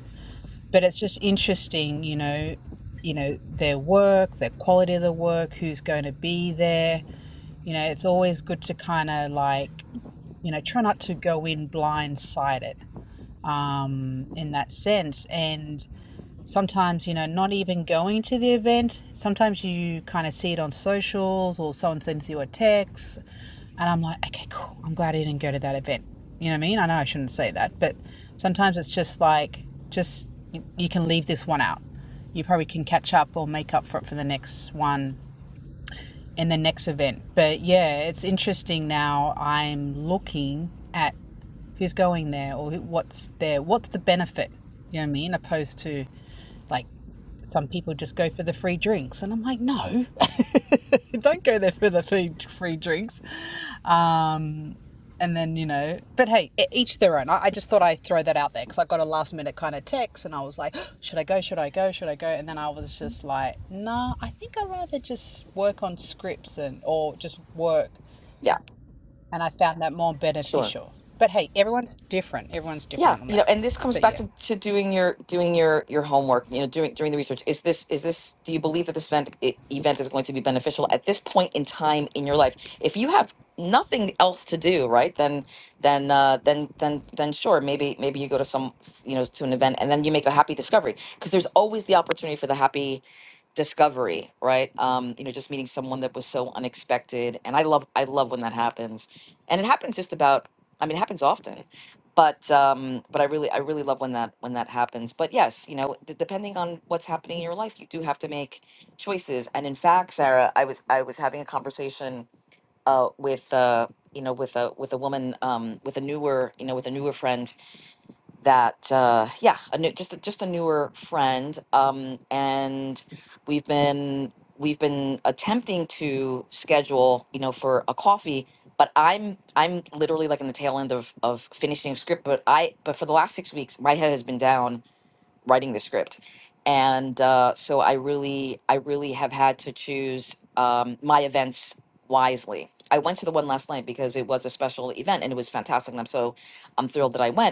Speaker 10: but it's just interesting, you know, you know their work, their quality of the work, who's going to be there. You know, it's always good to kind of like, you know, try not to go in blindsided um, in that sense. And sometimes you know not even going to the event sometimes you kind of see it on socials or someone sends you a text and i'm like okay cool i'm glad i didn't go to that event you know what i mean i know i shouldn't say that but sometimes it's just like just you you can leave this one out you probably can catch up or make up for it for the next one in the next event. But yeah, it's interesting now. I'm looking at who's going there or what's there, what's the benefit, you know what I mean? Opposed to like some people just go for the free drinks. And I'm like, no, don't go there for the free, free drinks. Um, and then you know but hey e- each their own i, I just thought i'd throw that out there because i got a last minute kind of text and i was like should i go should i go should i go and then i was just like nah i think i'd rather just work on scripts and or just work and i found that more
Speaker 2: Sure.
Speaker 10: beneficial but hey everyone's different everyone's
Speaker 2: Yeah,
Speaker 10: different on
Speaker 2: you
Speaker 10: that
Speaker 2: know, and this comes
Speaker 10: but
Speaker 2: back
Speaker 10: yeah
Speaker 2: to, to doing your doing your your homework. You know, doing doing the research. Is this is this? Do you believe that this event i- event is going to be beneficial at this point in time in your life? If you have nothing else to do, right? Then then uh, then then then sure, maybe maybe you go to some you know to an event and then you make a happy discovery because there's always the opportunity for the happy discovery right um you know just meeting someone that was so unexpected and i love i love when that happens and it happens just about i mean it happens often but um but i really i really love when that when that happens but yes you know d- depending on what's happening in your life you do have to make choices and in fact sarah i was i was having a conversation uh with uh you know with a with a woman um with a newer you know with a newer friend that uh yeah a new just a, just a newer friend um and we've been we've been attempting to schedule you know for a coffee but i'm i'm literally like in the tail end of of finishing a script but i but for the last six weeks my head has been down writing the script and uh so i really i really have had to choose um my events wisely i went to the one last night because it was a special event and it was fantastic and i'm so i'm thrilled that i went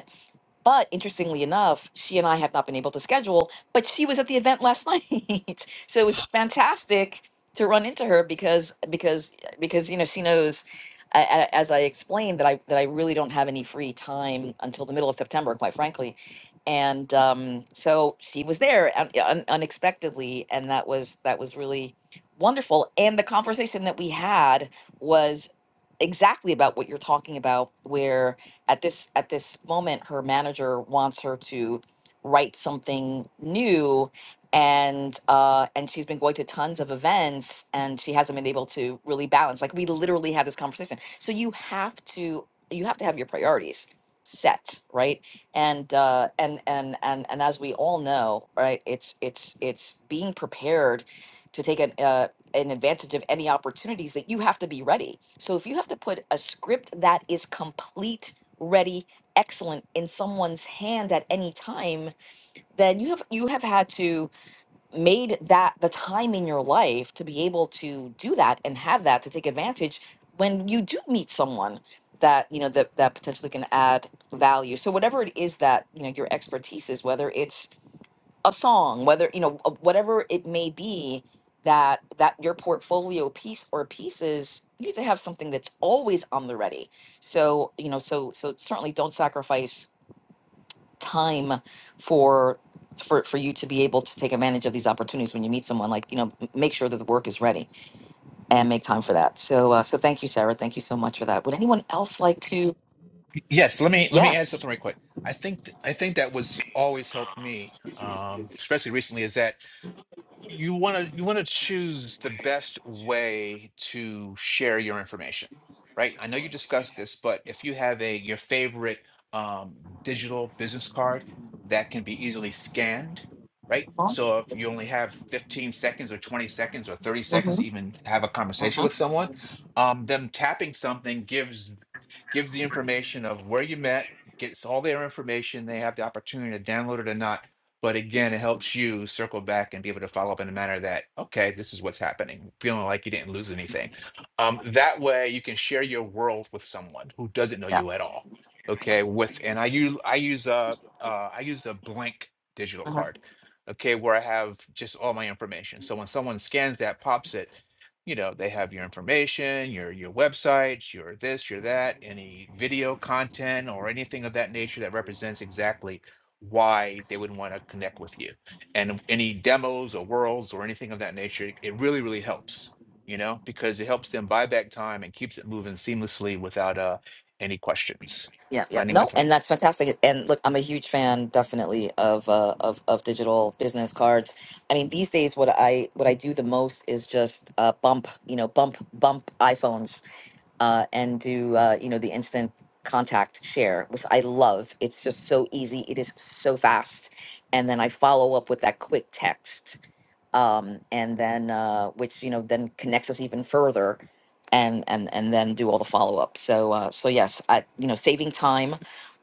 Speaker 2: but interestingly enough, she and I have not been able to schedule, but she was at the event last night. so it was fantastic to run into her because because because you know she knows a- a- as I explained that I that I really don't have any free time until the middle of September, quite frankly. And um, so she was there un- un- unexpectedly, and that was that was really wonderful. And the conversation that we had was exactly about what you're talking about, where at this at this moment her manager wants her to write something new and uh and she's been going to tons of events and she hasn't been able to really balance like we literally had this conversation so you have to you have to have your priorities set right and uh and and and and as we all know right it's it's it's being prepared to take an uh an advantage of any opportunities that you have to be ready so if you have to put a script that is complete ready, excellent in someone's hand at any time, then you have you have had to made that the time in your life to be able to do that and have that to take advantage when you do meet someone that you know that that potentially can add value. So whatever it is that you know your expertise is, whether it's a song whether you know uh, whatever it may be that that your portfolio piece or pieces you need to have something that's always on the ready so you know so so certainly don't sacrifice time for for for you to be able to take advantage of these opportunities when you meet someone like you know m- make sure that the work is ready and make time for that so uh, so thank you sarah thank you so much for that would anyone else like to
Speaker 3: Yes, let me let me add
Speaker 2: yes
Speaker 3: something right quick. I think th- I think that was always helped me, um, especially recently, is that you want to you want to choose the best way to share your information right i know you discussed this but if you have a your favorite um, digital business card that can be easily scanned right
Speaker 2: Mhm,
Speaker 3: so if you only have 15 seconds or 20 seconds or 30 seconds to
Speaker 2: mhm,
Speaker 3: even have a conversation
Speaker 2: mhm.
Speaker 3: with someone um, them tapping something gives gives the information of where you met gets all their information they have the opportunity to download it or not but again, it helps you circle back and be able to follow up in a manner that, okay, this is what's happening, feeling like you didn't lose anything. Um, that way, you can share your world with someone who doesn't know
Speaker 2: yeah
Speaker 3: you at all. Okay, with and I use I use a uh, I use a blank digital
Speaker 2: Mm-hmm.
Speaker 3: card. Okay, where I have just all my information. So when someone scans that, pops it, you know, they have your information, your your websites, your this, your that, any video content or anything of that nature that represents exactly why they would want to connect with you. And any demos or worlds or anything of that nature, it it really, really helps, you know, because it helps them buy back time and keeps it moving seamlessly without uh, any questions.
Speaker 2: Yeah, yeah.
Speaker 3: Landing my
Speaker 2: No,
Speaker 3: plane.
Speaker 2: and that's fantastic. And look, I'm a huge fan definitely of uh of of digital business cards. I mean, these days what I what I do the most is just uh bump, you know, bump bump iPhones uh and do uh you know the instant contact share, which I love. It's just so easy. It is so fast. And then I follow up with that quick text. Um and then uh which you know then connects us even further and and and then do all the follow up. So uh, so yes, I, you know, saving time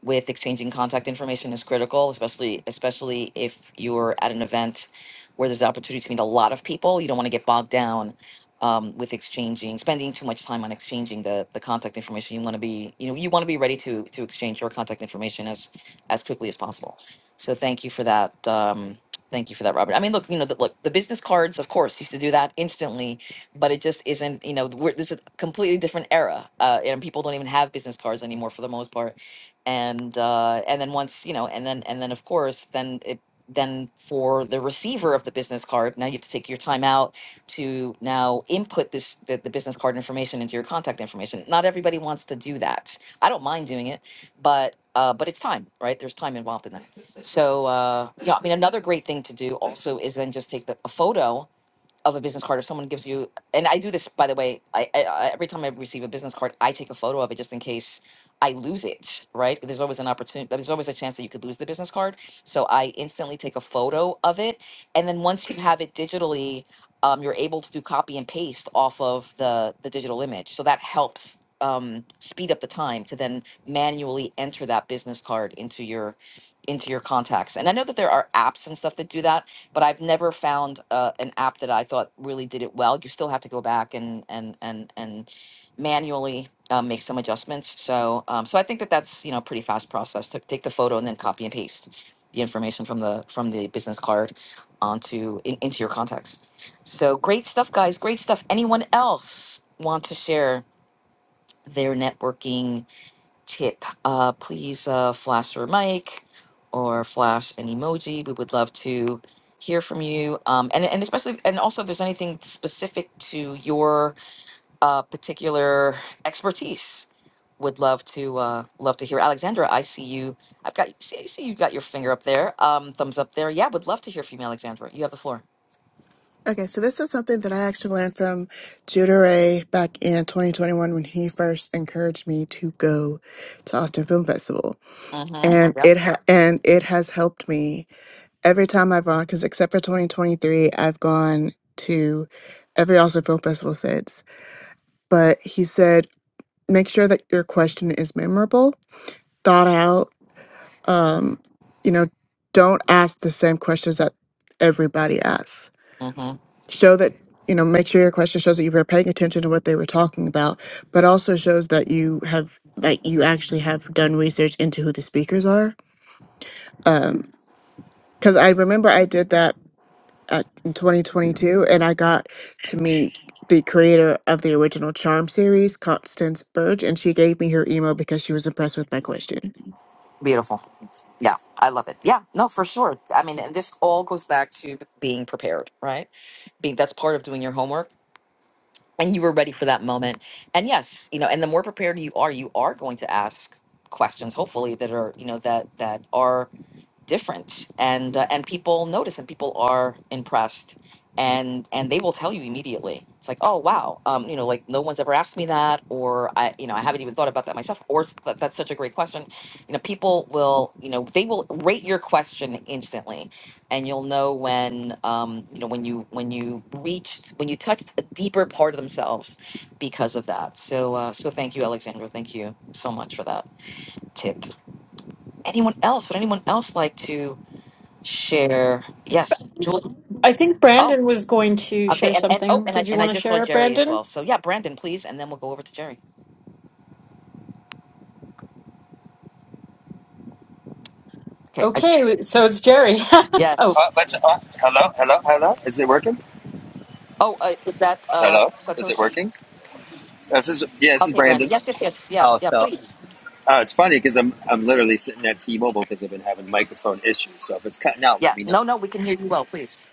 Speaker 2: with exchanging contact information is critical, especially especially if you're at an event where there's the opportunity to meet a lot of people. You don't want to get bogged down um, with exchanging, spending too much time on exchanging the the contact information. You want to be you know you want to be ready to to exchange your contact information as as quickly as possible. So thank you for that. Um, Thank you for that, Robert. I mean, look, you know, the, look, the business cards, of course, used to do that instantly but it just isn't you know we're, this is a completely different era uh, and people don't even have business cards anymore for the most part and uh, and then once you know and then and then of course then it then for the receiver of the business card now you have to take your time out to now input this the, the business card information into your contact information not everybody wants to do that i don't mind doing it but uh, but it's time right there's time involved in that so uh, yeah i mean another great thing to do also is then just take the, a photo of a business card if someone gives you and i do this by the way I, I I- every time i receive a business card i take a photo of it just in case i lose it right there's always an opportunity there's always a chance that you could lose the business card so i instantly take a photo of it and then once you have it digitally um, you're able to do copy and paste off of the the digital image so that helps um, speed up the time to then manually enter that business card into your into your contacts and i know that there are apps and stuff that do that but I've never found uh, an app that I thought really did it well. You still have to go back and and and and manually um, make some adjustments. So um, so I think that that's you know pretty fast process to take the photo and then copy and paste the information from the from the business card onto in, into your contacts. So great stuff, guys! Great stuff. Anyone else want to share their networking? tip, uh, please uh, flash your mic or flash an emoji. We would love to hear from you, um, and and especially and also if there's anything specific to your uh, particular expertise, would love to uh, love to hear. Alexandra, I see you. I've got see, I see you got your finger up there, um, thumbs up there. Yeah, would love to hear from you, Alexandra. You have the floor.
Speaker 11: Okay, so this is something that I actually learned from Judah Ray back in 2021 when he first encouraged me to go to Austin Film Festival,
Speaker 2: Mm-hmm.
Speaker 11: and it ha- and it has helped me every time I've gone. Because except for 2023, I've gone to every Austin Film Festival since. But he said, make sure that your question is memorable, thought out. Um, you know, don't ask the same questions that everybody asks
Speaker 2: Mm-hmm.
Speaker 11: show that you know make sure your question shows that you were paying attention to what they were talking about but also shows that you have that you actually have done research into who the speakers are um because i remember i did that at, in 2022 and i got to meet the creator of the original charm series constance burge and she gave me her email because she was impressed with my question
Speaker 2: Beautiful. Yeah, I love it. Yeah, no, for sure. I mean, and this all goes back to being prepared, right? Being that's part of doing your homework, and you were ready for that moment. And yes, you know, and the more prepared you are, you are going to ask questions, hopefully that are you know that that are different and uh, and people notice and people are impressed and and they will tell you immediately it's like oh wow um you know like no one's ever asked me that or i you know i haven't even thought about that myself or s- that, that's such a great question you know people will you know they will rate your question instantly and you'll know when um you know when you when you reached when you touched a deeper part of themselves because of that so uh so thank you alexandra thank you so much for that tip anyone else would anyone else like to share. Yes, Julie.
Speaker 4: I think
Speaker 2: Oh,
Speaker 4: Brandon was going to
Speaker 2: okay.
Speaker 4: share
Speaker 2: And, and oh,
Speaker 4: something.
Speaker 2: and I
Speaker 4: Did you
Speaker 2: and I
Speaker 4: want to
Speaker 2: just saw
Speaker 4: share it,
Speaker 2: Jerry as
Speaker 4: Brandon?
Speaker 2: well. So yeah, Brandon, please, and then we'll go over to Jerry. Okay. I,
Speaker 4: Okay, so it's Jerry. oh,
Speaker 12: Uh,
Speaker 2: yes.
Speaker 12: let's. Uh, hello, hello, hello. Is it working?
Speaker 2: Oh, uh, is that uh
Speaker 12: Hello, is it
Speaker 2: Satoshi?
Speaker 12: working? This is yeah. This is
Speaker 2: Okay, Brandon.
Speaker 12: Brandon.
Speaker 2: Yes, yes, yes. Yeah,
Speaker 12: Oh,
Speaker 2: yeah.
Speaker 12: so
Speaker 2: Please.
Speaker 12: Uh, it's funny because I'm I'm literally sitting at T-Mobile because I've been having microphone issues. So if it's cutting out, let
Speaker 2: Yeah.
Speaker 12: me know.
Speaker 2: No, no. We can hear you well. Please.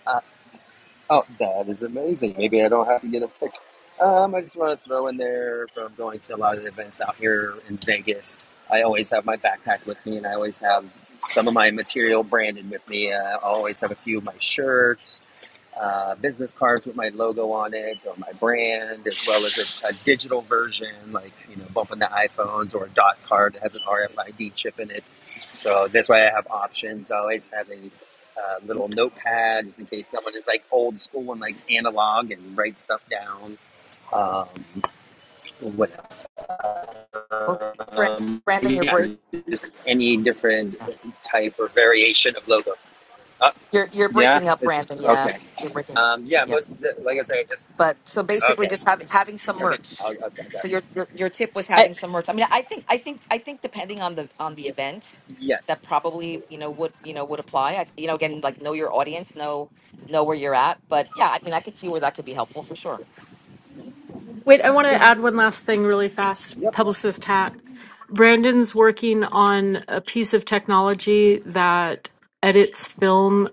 Speaker 12: Oh, that is amazing. Maybe I don't have to get it fixed. Um, I just want to throw in there from going to a lot of events out here in Vegas. I always have my backpack with me, and I always have some of my material branded with me. Uh, I always have a few of my shirts, uh, business cards with my logo on it or my brand, as well as a, a digital version, like you know, bumping the iPhones or a dot card that has an RFID chip in it. So that's why I have options. I always have a uh, little notepad just in case someone is like old school and likes analog and writes stuff down. Um, what else?
Speaker 2: Oh, Brandon.
Speaker 12: Um,
Speaker 2: Brandon, you're
Speaker 12: yeah,
Speaker 2: break.
Speaker 12: just any different type or variation of logo. Uh,
Speaker 2: You're you're
Speaker 12: yeah,
Speaker 2: breaking up,
Speaker 12: it's
Speaker 2: Brandon. Yeah,
Speaker 12: okay.
Speaker 2: you're breaking up.
Speaker 12: Um, yeah,
Speaker 2: Yeah.
Speaker 12: most like I say, just
Speaker 2: But so basically,
Speaker 12: okay,
Speaker 2: just having having some
Speaker 12: okay.
Speaker 2: merch.
Speaker 12: I'll, I'll, i
Speaker 2: So your, your your tip was
Speaker 4: I.
Speaker 2: having some merch. I mean, I think I think I think depending on the on the event, that
Speaker 12: Yes.
Speaker 2: probably you know would you know would apply. I, you know, again, like know your audience, know know where you're at. But yeah, I mean, I could see where that could be helpful for sure.
Speaker 4: Wait, I want to add one last thing really fast.
Speaker 12: Yep.
Speaker 4: Publicist hat. Brandon's working on a piece of technology that edits film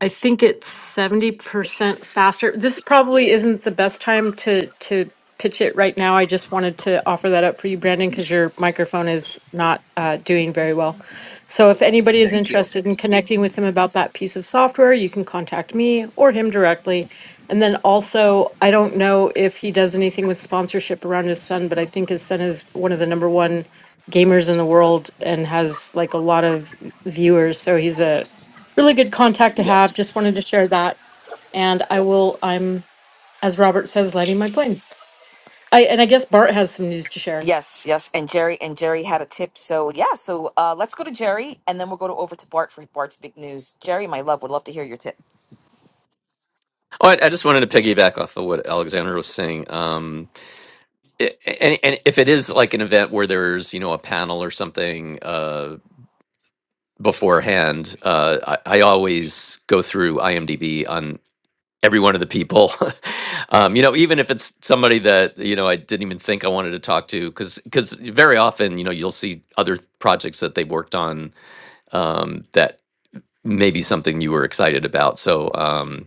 Speaker 4: I think it's seventy percent faster. This probably isn't the best time to to pitch it right now. I just wanted to offer that up for you, Brandon, because your microphone is not uh, doing very well. So if anybody is
Speaker 12: Thank you.
Speaker 4: interested in connecting with him about that piece of software, you can contact me or him directly. And then also, I don't know if he does anything with sponsorship around his son, but I think his son is one of the number one gamers in the world and has like a lot of viewers. So he's a really good contact to
Speaker 12: Yes.
Speaker 4: have. Just wanted to share that. And I will, I'm, as Robert says, lighting my plane. I, and I guess Bart has some news to share.
Speaker 2: Yes, yes. And Jerry and Jerry had a tip. So yeah, so uh, let's go to Jerry, and then we'll go to over to Bart for Bart's big news. Jerry, my love, would love to hear your tip.
Speaker 13: Oh, I, I just wanted to piggyback off of what Alexander was saying. Um, i- and, and if it is like an event where there's you know a panel or something uh, beforehand, uh, I, I always go through IMDb on every one of the people. um, you know, even if it's somebody that you know I didn't even think I wanted to talk to, because because very often you know you'll see other projects that they've worked on um, that may be something you were excited about. So. Um,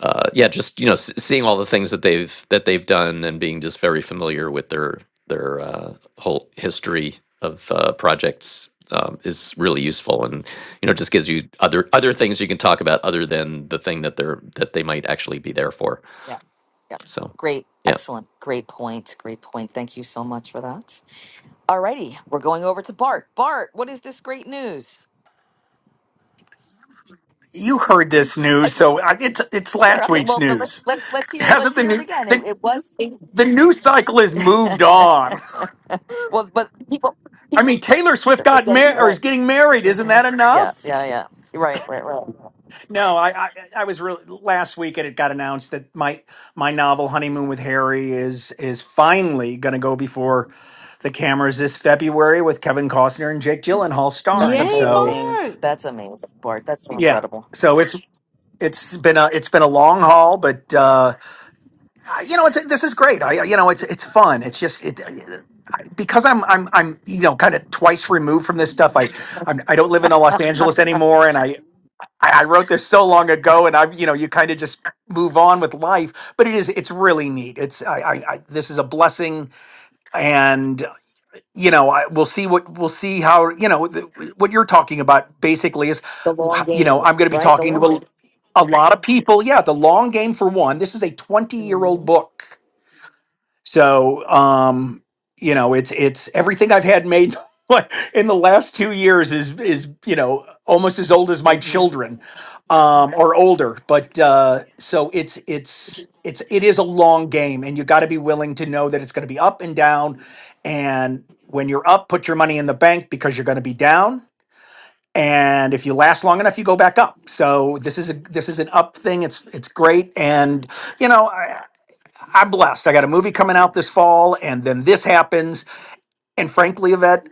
Speaker 13: uh, yeah, just you know, s- seeing all the things that they've that they've done and being just very familiar with their their uh, whole history of uh, projects um, is really useful, and you know, just gives you other other things you can talk about other than the thing that they're that they might actually be there for.
Speaker 2: Yeah, yeah.
Speaker 13: So,
Speaker 2: Great,
Speaker 13: yeah,
Speaker 2: excellent, great point, great point. Thank you so much for that. Alrighty, we're going over to Bart. Bart, what is this great news?
Speaker 6: You heard this news, so I- it's it's
Speaker 2: Sure.
Speaker 6: last
Speaker 2: Okay.
Speaker 6: week's
Speaker 2: Well, but let's
Speaker 6: news.
Speaker 2: let's let's hear let's
Speaker 6: Hasn't the
Speaker 2: hear it
Speaker 6: new
Speaker 2: again. It,
Speaker 6: the,
Speaker 2: it was.
Speaker 6: the news cycle has moved on?
Speaker 2: well, but people
Speaker 6: I
Speaker 2: people
Speaker 6: mean, Taylor Swift got
Speaker 2: yeah,
Speaker 6: married or is
Speaker 2: right.
Speaker 6: getting married. Isn't
Speaker 2: hmm
Speaker 6: that
Speaker 2: Yeah.
Speaker 6: enough?
Speaker 2: Yeah. Yeah. Right. Right. Right.
Speaker 6: No, I, I I was really last week, and it got announced that my my novel Honeymoon with Harry is is finally going to go before the cameras this February with Kevin Costner and Jake Gyllenhaal
Speaker 2: That's
Speaker 6: starring.
Speaker 1: yay
Speaker 6: So
Speaker 2: amazing.
Speaker 1: bart
Speaker 2: That's amazing, Bart. That's so
Speaker 6: yeah,
Speaker 2: incredible.
Speaker 6: so it's it's been a it's been a long haul, but. uh Uh, you know, it's this is great. I you know, it's it's fun. It's just it I- because I'm I'm I'm you know kind of twice removed from this stuff. I I'm, I don't live in Los Angeles anymore, and I I I wrote this so long ago, and I've you know you kind of just move on with life. But it is it's really neat. It's I I, I this is a blessing, and you know I, we'll see what we'll see how you know the, what you're talking about basically is
Speaker 2: The
Speaker 6: wh-
Speaker 2: long
Speaker 6: you know
Speaker 2: game,
Speaker 6: I'm going to be
Speaker 2: right? The
Speaker 6: talking to
Speaker 2: long
Speaker 6: a,
Speaker 2: game.
Speaker 6: a lot of people. Yeah, the long game for one. This is a 20 year old
Speaker 2: hmm
Speaker 6: book so, um, you know, it's it's everything I've had made like, in the last two years is is you know almost as old as my
Speaker 2: hmm
Speaker 6: children, um, or older. But uh, so it's it's it's it is a long game, and you got to be willing to know that it's going to be up and down. And when you're up, put your money in the bank because you're going to be down. And if you last long enough, you go back up. So this is a this is an up thing. It's it's great, and you know. I'm blessed. I got a movie coming out this fall, and then this happens. And frankly, Yvette,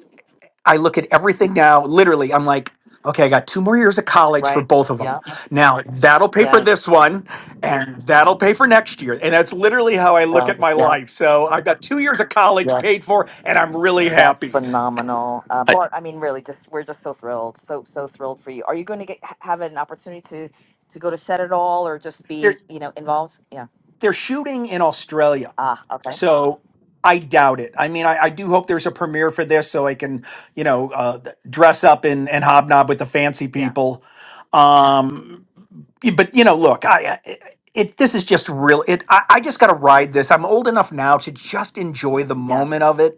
Speaker 6: I look at everything now. Literally, I'm like, okay, I got two more years of college for
Speaker 2: Right.
Speaker 6: both of them.
Speaker 2: Yeah.
Speaker 6: Now that'll pay for this
Speaker 2: Yes.
Speaker 6: one, and that'll pay for next year. And that's literally how I look
Speaker 2: Well.
Speaker 6: at my
Speaker 2: Yeah.
Speaker 6: life. So I've got two years of college
Speaker 2: Yes.
Speaker 6: paid for, and I'm really
Speaker 2: That's
Speaker 6: happy.
Speaker 2: phenomenal, uh,
Speaker 13: I,
Speaker 2: Bart. I mean, really, just we're just so thrilled, so so thrilled for you. Are you going to get ha- have an opportunity to to go to set it all, or just be
Speaker 6: They're
Speaker 2: you know involved? Yeah.
Speaker 6: they're shooting in Australia.
Speaker 2: Ah. Okay.
Speaker 6: So I doubt it. I mean, I, I do hope there's a premiere for this so I can, you know, uh, dress up and, and hobnob with the fancy
Speaker 2: Yeah.
Speaker 6: people. Um, but you know, look, I, I it this is just real. It I, I just got to ride this. I'm old enough now to just enjoy the moment of
Speaker 2: Yes.
Speaker 6: it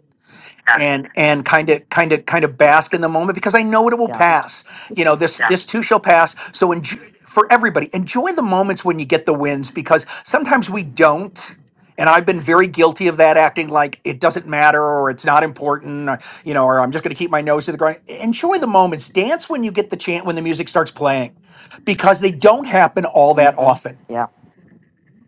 Speaker 6: and and kind of kind of kind of bask in the moment because I know it will
Speaker 2: Yeah.
Speaker 6: pass. You know this this too shall pass. So enjoy, for everybody, enjoy the moments when you get the wins because sometimes we don't. And I've been very guilty of that, acting like it doesn't matter or it's not important, or, you know, or I'm just going to keep my nose to the ground. Enjoy the moments. Dance when you get the chant when the music starts playing, because they don't happen all that
Speaker 2: Mm-hmm.
Speaker 6: often
Speaker 2: Yeah.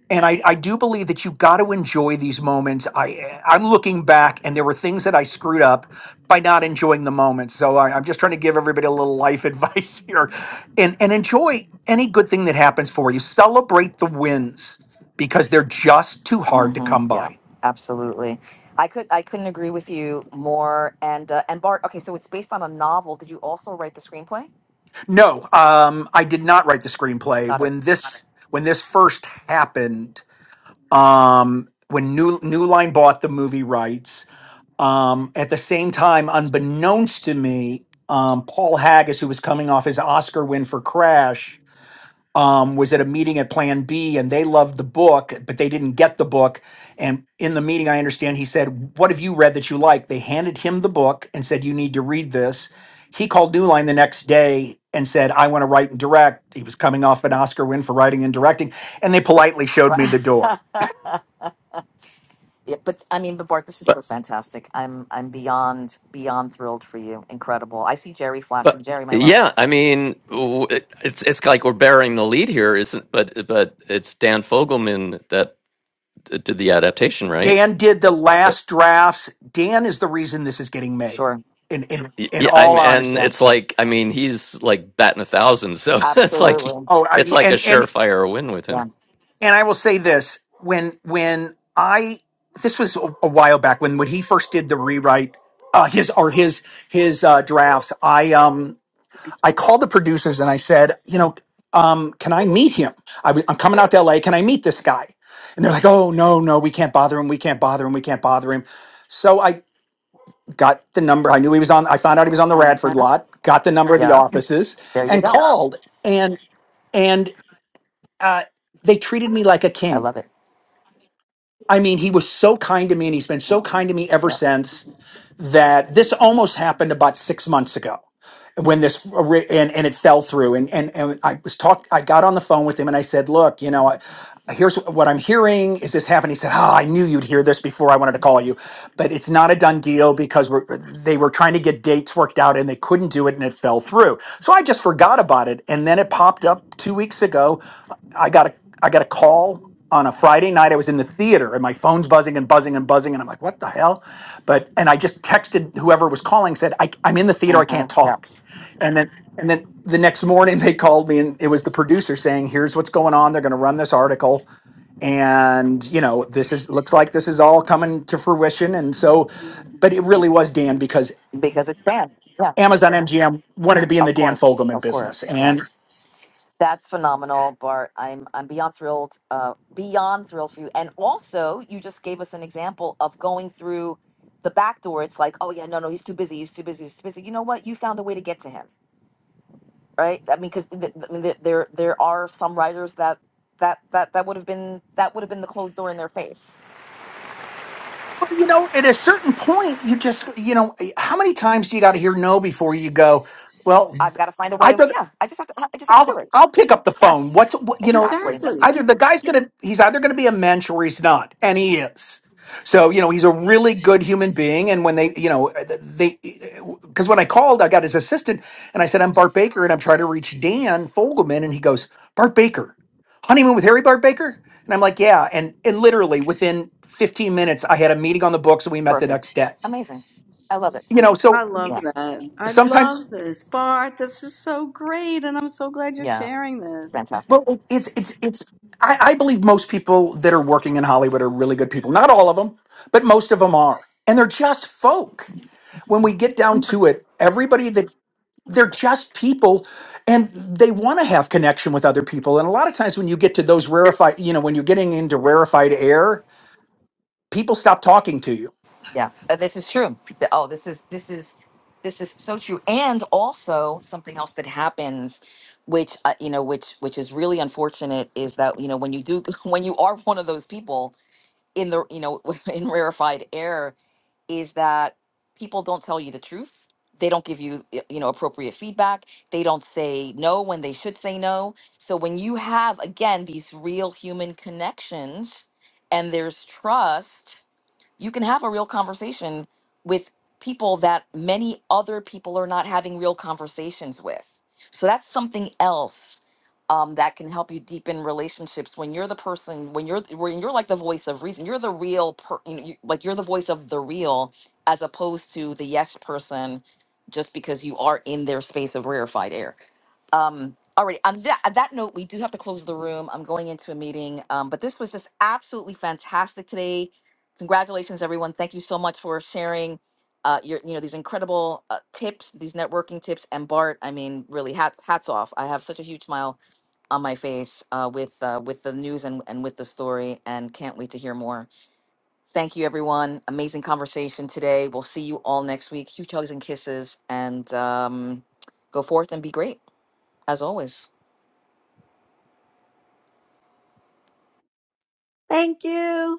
Speaker 6: and I, I do believe that you have got to enjoy these moments. I I'm looking back, and there were things that I screwed up by not enjoying the moments. So I, I'm just trying to give everybody a little life advice here, and and enjoy any good thing that happens for you. Celebrate the wins because they're just too hard to come
Speaker 2: Mm-hmm. Yeah.
Speaker 6: by.
Speaker 2: Absolutely. I could I couldn't agree with you more. And uh, and Bart. Okay, so it's based on a novel. Did you also write the screenplay?
Speaker 6: No, um, I did not write the screenplay
Speaker 2: Got it.
Speaker 6: when this when this first happened. Um, when New New Line bought the movie rights, Um, at the same time, unbeknownst to me, um, Paul Haggis, who was coming off his Oscar win for Crash, um, was at a meeting at Plan B and they loved the book, but they didn't get the book. And in the meeting, I understand he said, What have you read that you like? They handed him the book and said, You need to read this. He called New Line the next day and said, I want to write and direct. He was coming off an Oscar win for writing and directing. And they politely showed me the door
Speaker 2: Right. Yeah, but I mean, but Bart, this is so
Speaker 13: but
Speaker 2: fantastic. I'm I'm beyond beyond thrilled for you. Incredible. I see Jerry flashing.
Speaker 13: but
Speaker 2: Jerry, my love.
Speaker 13: yeah, I mean, w- it, it's it's like we're bearing the lead here, isn't? But but it's Dan Fogelman that uh, did the adaptation, right?
Speaker 6: Dan did the
Speaker 13: So,
Speaker 6: last drafts. Dan is the reason this is getting made.
Speaker 2: Sure.
Speaker 6: In in
Speaker 13: Y-
Speaker 6: in
Speaker 13: Yeah,
Speaker 6: all
Speaker 13: I'm, and
Speaker 2: Yeah.
Speaker 6: honesty.
Speaker 13: it's like, I mean, he's like batting a thousand, so it's like,
Speaker 2: Absolutely.
Speaker 6: Oh,
Speaker 13: it's
Speaker 6: I,
Speaker 13: like a
Speaker 6: and and
Speaker 13: surefire win with him.
Speaker 2: Yeah.
Speaker 6: and I will say this: when when I this was a, a while back when when he first did the rewrite, uh, his or his his uh, drafts. I um I called the producers and I said, you know, um, can I meet him? I, w- I'm coming out to L.A. Can I meet this guy? And they're like, oh no no, we can't bother him. We can't bother him. We can't bother him. So I. got the number. I knew he was on. I found out he was on the
Speaker 2: Uh-huh.
Speaker 6: Radford lot. Got the number of the
Speaker 2: Yeah.
Speaker 6: offices
Speaker 2: There you
Speaker 6: and
Speaker 2: go.
Speaker 6: called. And and uh, they treated me like a
Speaker 2: I
Speaker 6: king.
Speaker 2: love it.
Speaker 6: I mean, he was so kind to me, and he's been so
Speaker 2: Mhm.
Speaker 6: kind to me ever
Speaker 2: Yeah.
Speaker 6: since that this almost happened about six months ago when this and, and it fell through and, and and i was talk i got on the phone with him and i said look you know I, here's what i'm hearing is this happening he said oh i knew you'd hear this before i wanted to call you but it's not a done deal because we're, they were trying to get dates worked out and they couldn't do it and it fell through so i just forgot about it and then it popped up two weeks ago i got a i got a call on a friday night i was in the theater and my phone's buzzing and buzzing and buzzing and i'm like what the hell but and I just texted whoever was calling said I, I'm in the theater
Speaker 2: uh
Speaker 6: I
Speaker 2: huh.
Speaker 6: can't
Speaker 2: Yeah.
Speaker 6: talk and then and then the next morning they called me and it was the producer saying here's what's going on they're going to run this article and you know this is looks like this is all coming to fruition and so but it really was Dan because
Speaker 2: Because it's Dan. Yeah.
Speaker 6: Amazon MGM wanted to be in the
Speaker 2: Of
Speaker 6: Dan
Speaker 2: course.
Speaker 6: Fogelman
Speaker 2: Of
Speaker 6: business
Speaker 2: course. Yeah.
Speaker 6: and
Speaker 2: That's phenomenal, Bart. I'm I'm beyond thrilled, uh, beyond thrilled for you. And also, you just gave us an example of going through the back door. It's like, oh yeah, no, no, he's too busy. He's too busy. He's too busy. You know what? You found a way to get to him, right? I mean, because th- th- I mean, there there there are some writers that that that that would have been that would have been the closed door in their face.
Speaker 6: well, you know at a certain point you just you know how many times do you got to hear no before you go well
Speaker 2: I've got to find a
Speaker 6: I'd
Speaker 2: way.
Speaker 6: rather
Speaker 2: Yeah, I just have to. I just have to do
Speaker 6: I'll
Speaker 2: it.
Speaker 6: I'll pick up the phone.
Speaker 2: Yes,
Speaker 6: What's what, you know?
Speaker 2: exactly.
Speaker 1: exactly
Speaker 6: Either the guy's gonna he's either gonna be a mensch or he's not, and he is. So you know he's a really good human being. And when they you know they because when I called, I got his assistant and I said I'm Bart Baker and I'm trying to reach Dan Fogelman, and he goes Bart Baker, honeymoon with Harry Bart Baker, and I'm like yeah, and and literally within 15 minutes I had a meeting on the books and we met the
Speaker 2: Perfect.
Speaker 6: next day.
Speaker 2: Amazing. I love it.
Speaker 6: You know
Speaker 1: i
Speaker 6: so.
Speaker 1: love
Speaker 2: Yeah,
Speaker 1: that i
Speaker 6: Sometimes
Speaker 1: love this bart this is so great and i'm so glad you're
Speaker 2: yeah.
Speaker 1: sharing this
Speaker 2: It's fantastic.
Speaker 6: Well, it- it's it's it's. I, I believe most people that are working in Hollywood are really good people. Not all of them, but most of them are, and they're just folk. When we get down to it, everybody that they're just people, and they want to have connection with other people. And a lot of times, when you get to those rarefied, you know, when you're getting into rarefied air, people stop talking to you
Speaker 2: Yeah, uh, this is true. The- Oh, this is this is this is so true. And also something else that happens, which uh, you know, which which is really unfortunate, is that you know when you do when you are one of those people in the you know in rarefied air is that people don't tell you the truth they don't give you y- you know appropriate feedback they don't say no when they should say no so when you have again these real human connections and there's trust you can have a real conversation with people that many other people are not having real conversations with so that's something else um, that can help you deepen relationships when you're the person when you're when you're like the voice of reason you're the real per, you know, you, like you're the voice of the real as opposed to the yes person just because you are in their space of rarefied air um all right on that, on that note we do have to close the room i'm going into a meeting um, but this was just absolutely fantastic today congratulations everyone thank you so much for sharing uh, your, you know, these incredible uh, tips, these networking tips, and Bart. I mean, really, hats hats off. I have such a huge smile on my face uh, with uh, with the news and, and with the story and can't wait to hear more. Thank you everyone. Amazing conversation today. We'll see you all next week. Huge hugs and kisses and um, go forth and be great as always.
Speaker 8: thank you